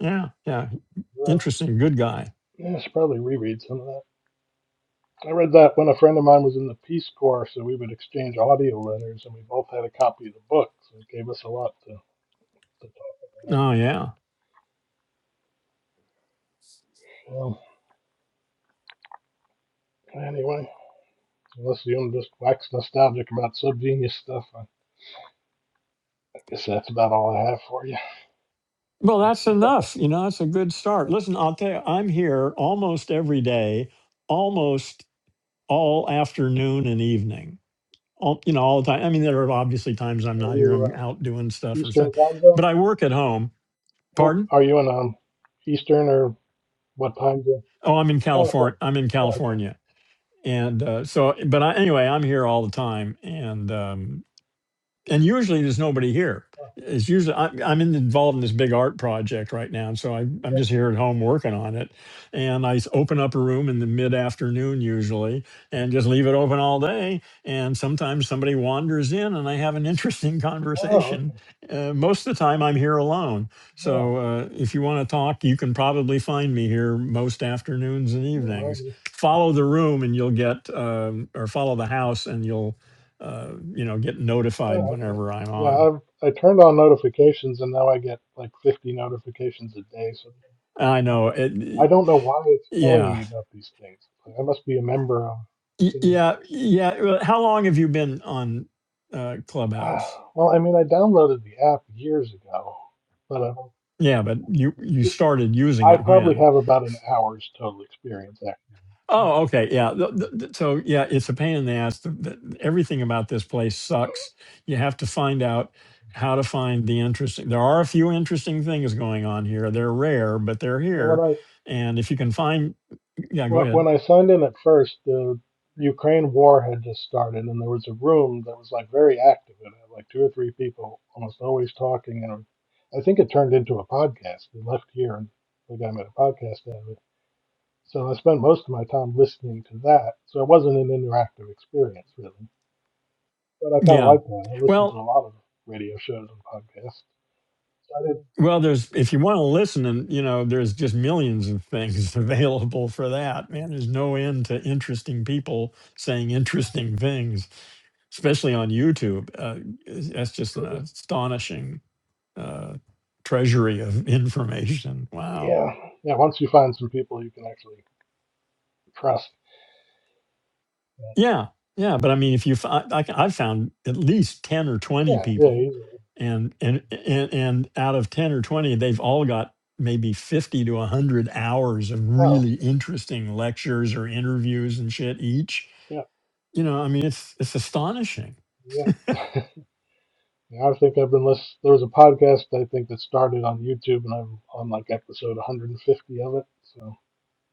yeah, yeah.
Yeah,
Interesting, good guy.
yeah. I should probably reread some of that. I read that when a friend of mine was in the Peace Corps, so we would exchange audio letters, and we both had a copy of the book, so it gave us a lot to, to talk
Oh yeah.
about. Um, anyway, unless you want to just wax nostalgic about subgenius stuff, I I guess that's about all I have for you.
Well, that's enough. You know, that's a good start. Listen, I'll tell you, I'm here almost every day, almost all afternoon and evening. All, you know, all the time. I mean, there are obviously times I'm
Are
not here.
you
I'm
uh,
out doing stuff or
Eastern
stuff,
time zone?
but I work at home.
Oh,
Pardon?
are you in um Eastern or what time zone?
Oh, I'm in California.
California.
I'm in
Oh, okay.
California, and uh, so, but I, anyway, I'm here all the time, and um, and usually there's nobody here. It's usually I, I'm in- involved in this big art project right now, and so I, I'm just here at home working on it. And I s- open up a room in the mid afternoon usually, and just leave it open all day. And sometimes somebody wanders in, and I have an interesting
Oh,
conversation.
okay.
Uh, most of the time, I'm here alone.
Oh,
So uh, if you want to talk, you can probably find me here most afternoons and
oh,
evenings.
okay.
Follow the room, and you'll get, um, or follow the house, and you'll uh, you know, get notified
Oh, okay.
whenever I'm
Yeah,
on.
I've I turned on notifications and now I get like 50 notifications a day. So
And I know
I, I
it.
don't know why it's telling me
Yeah,
about these things. Like, I must be a member of
Y-
the.
yeah, yeah. well, How long have you been on uh,
Uh,
Clubhouse?
well, I mean, I downloaded the app years ago, but I,
Yeah, but you you started using
I
it
probably
when?
have about an hour's total experience actually.
Oh, okay, yeah. th- th- th- So yeah, it's a pain in the ass. The, the, everything about this place sucks. You have to find out how to find the interesting. There are a few interesting things going on here. They're rare, but they're here.
Well,
And if you can find, yeah, go
Wh-
ahead.
When I signed in at first, the Ukraine war had just started, and there was a room that was like very active in it, like two or three people almost always talking. And I think it turned into a podcast. We left here and the guy made a podcast out of it. So I spent most of my time listening to that. So it wasn't an interactive experience, really. But I kind of
Yeah.
liked that. I listened to a
Well,
lot of radio shows and podcasts. So I did
Well, there's if you want to listen, and you know, there's just millions of things available for that. Man, there's no end to interesting people saying interesting things, especially on YouTube. Uh, is- that's just an
pretty.
astonishing uh, treasury of information. Wow.
Yeah. Yeah. Once you find some people you can actually trust.
Yeah, yeah, but I mean, if you, f- I, I, have found at least ten or twenty
Yeah. Yeah.
people,
Easily.
and and and and out of ten or twenty, they've all got maybe fifty to hundred hours of
Oh.
really interesting lectures or interviews and shit each.
yeah.
You know, I mean, it's it's astonishing.
Yeah. I think I've been listening. There was a podcast I think that started on YouTube, and I'm on like episode 150 of it. So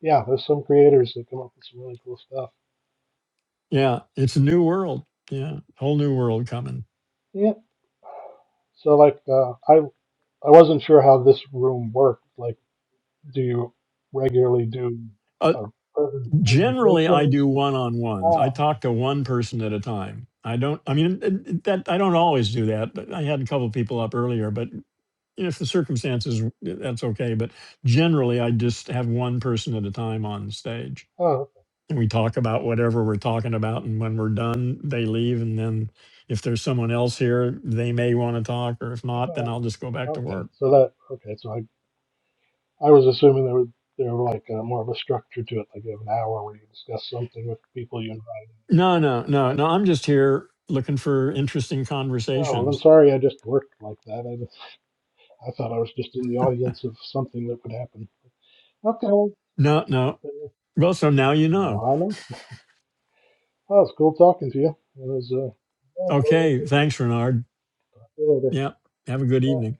yeah, there's some creators that come up with some really cool stuff.
Yeah, it's a new world. Yeah, whole new world coming.
Yeah. So like, uh, I I wasn't sure how this room worked. Like, do you regularly do
Uh,
uh, present
generally, I
presentations?
do one-on-ones. I
Oh,
talk to one person at a time. I don't. I mean, it- it- that I don't always do that. But I had a couple people up earlier, but if the circumstances eh, that's okay but generally i just have one person at a time on stage
oh,
and we talk about whatever we're talking about and when we're done they leave and then if there's someone else here they may want to talk or if not then
oh.
i'll just go back to
Okay.
work
So that okay. So I I was assuming there were there were like uh more of a structure to it, like you have an hour where you discuss something with people you invite.
no no no no i'm just here looking for interesting
Oh, well, I'm
conversations
sorry I just worked like that. I, just- I thought I was just in the audience of something that would happen. Okay, well,
no no
uh,
well so now you
no,
know
I know. Well, it's cool talking to you. It was uh, yeah, very
okay
interesting.
thanks renard
See you later.
yeah have a good
Bye.
evening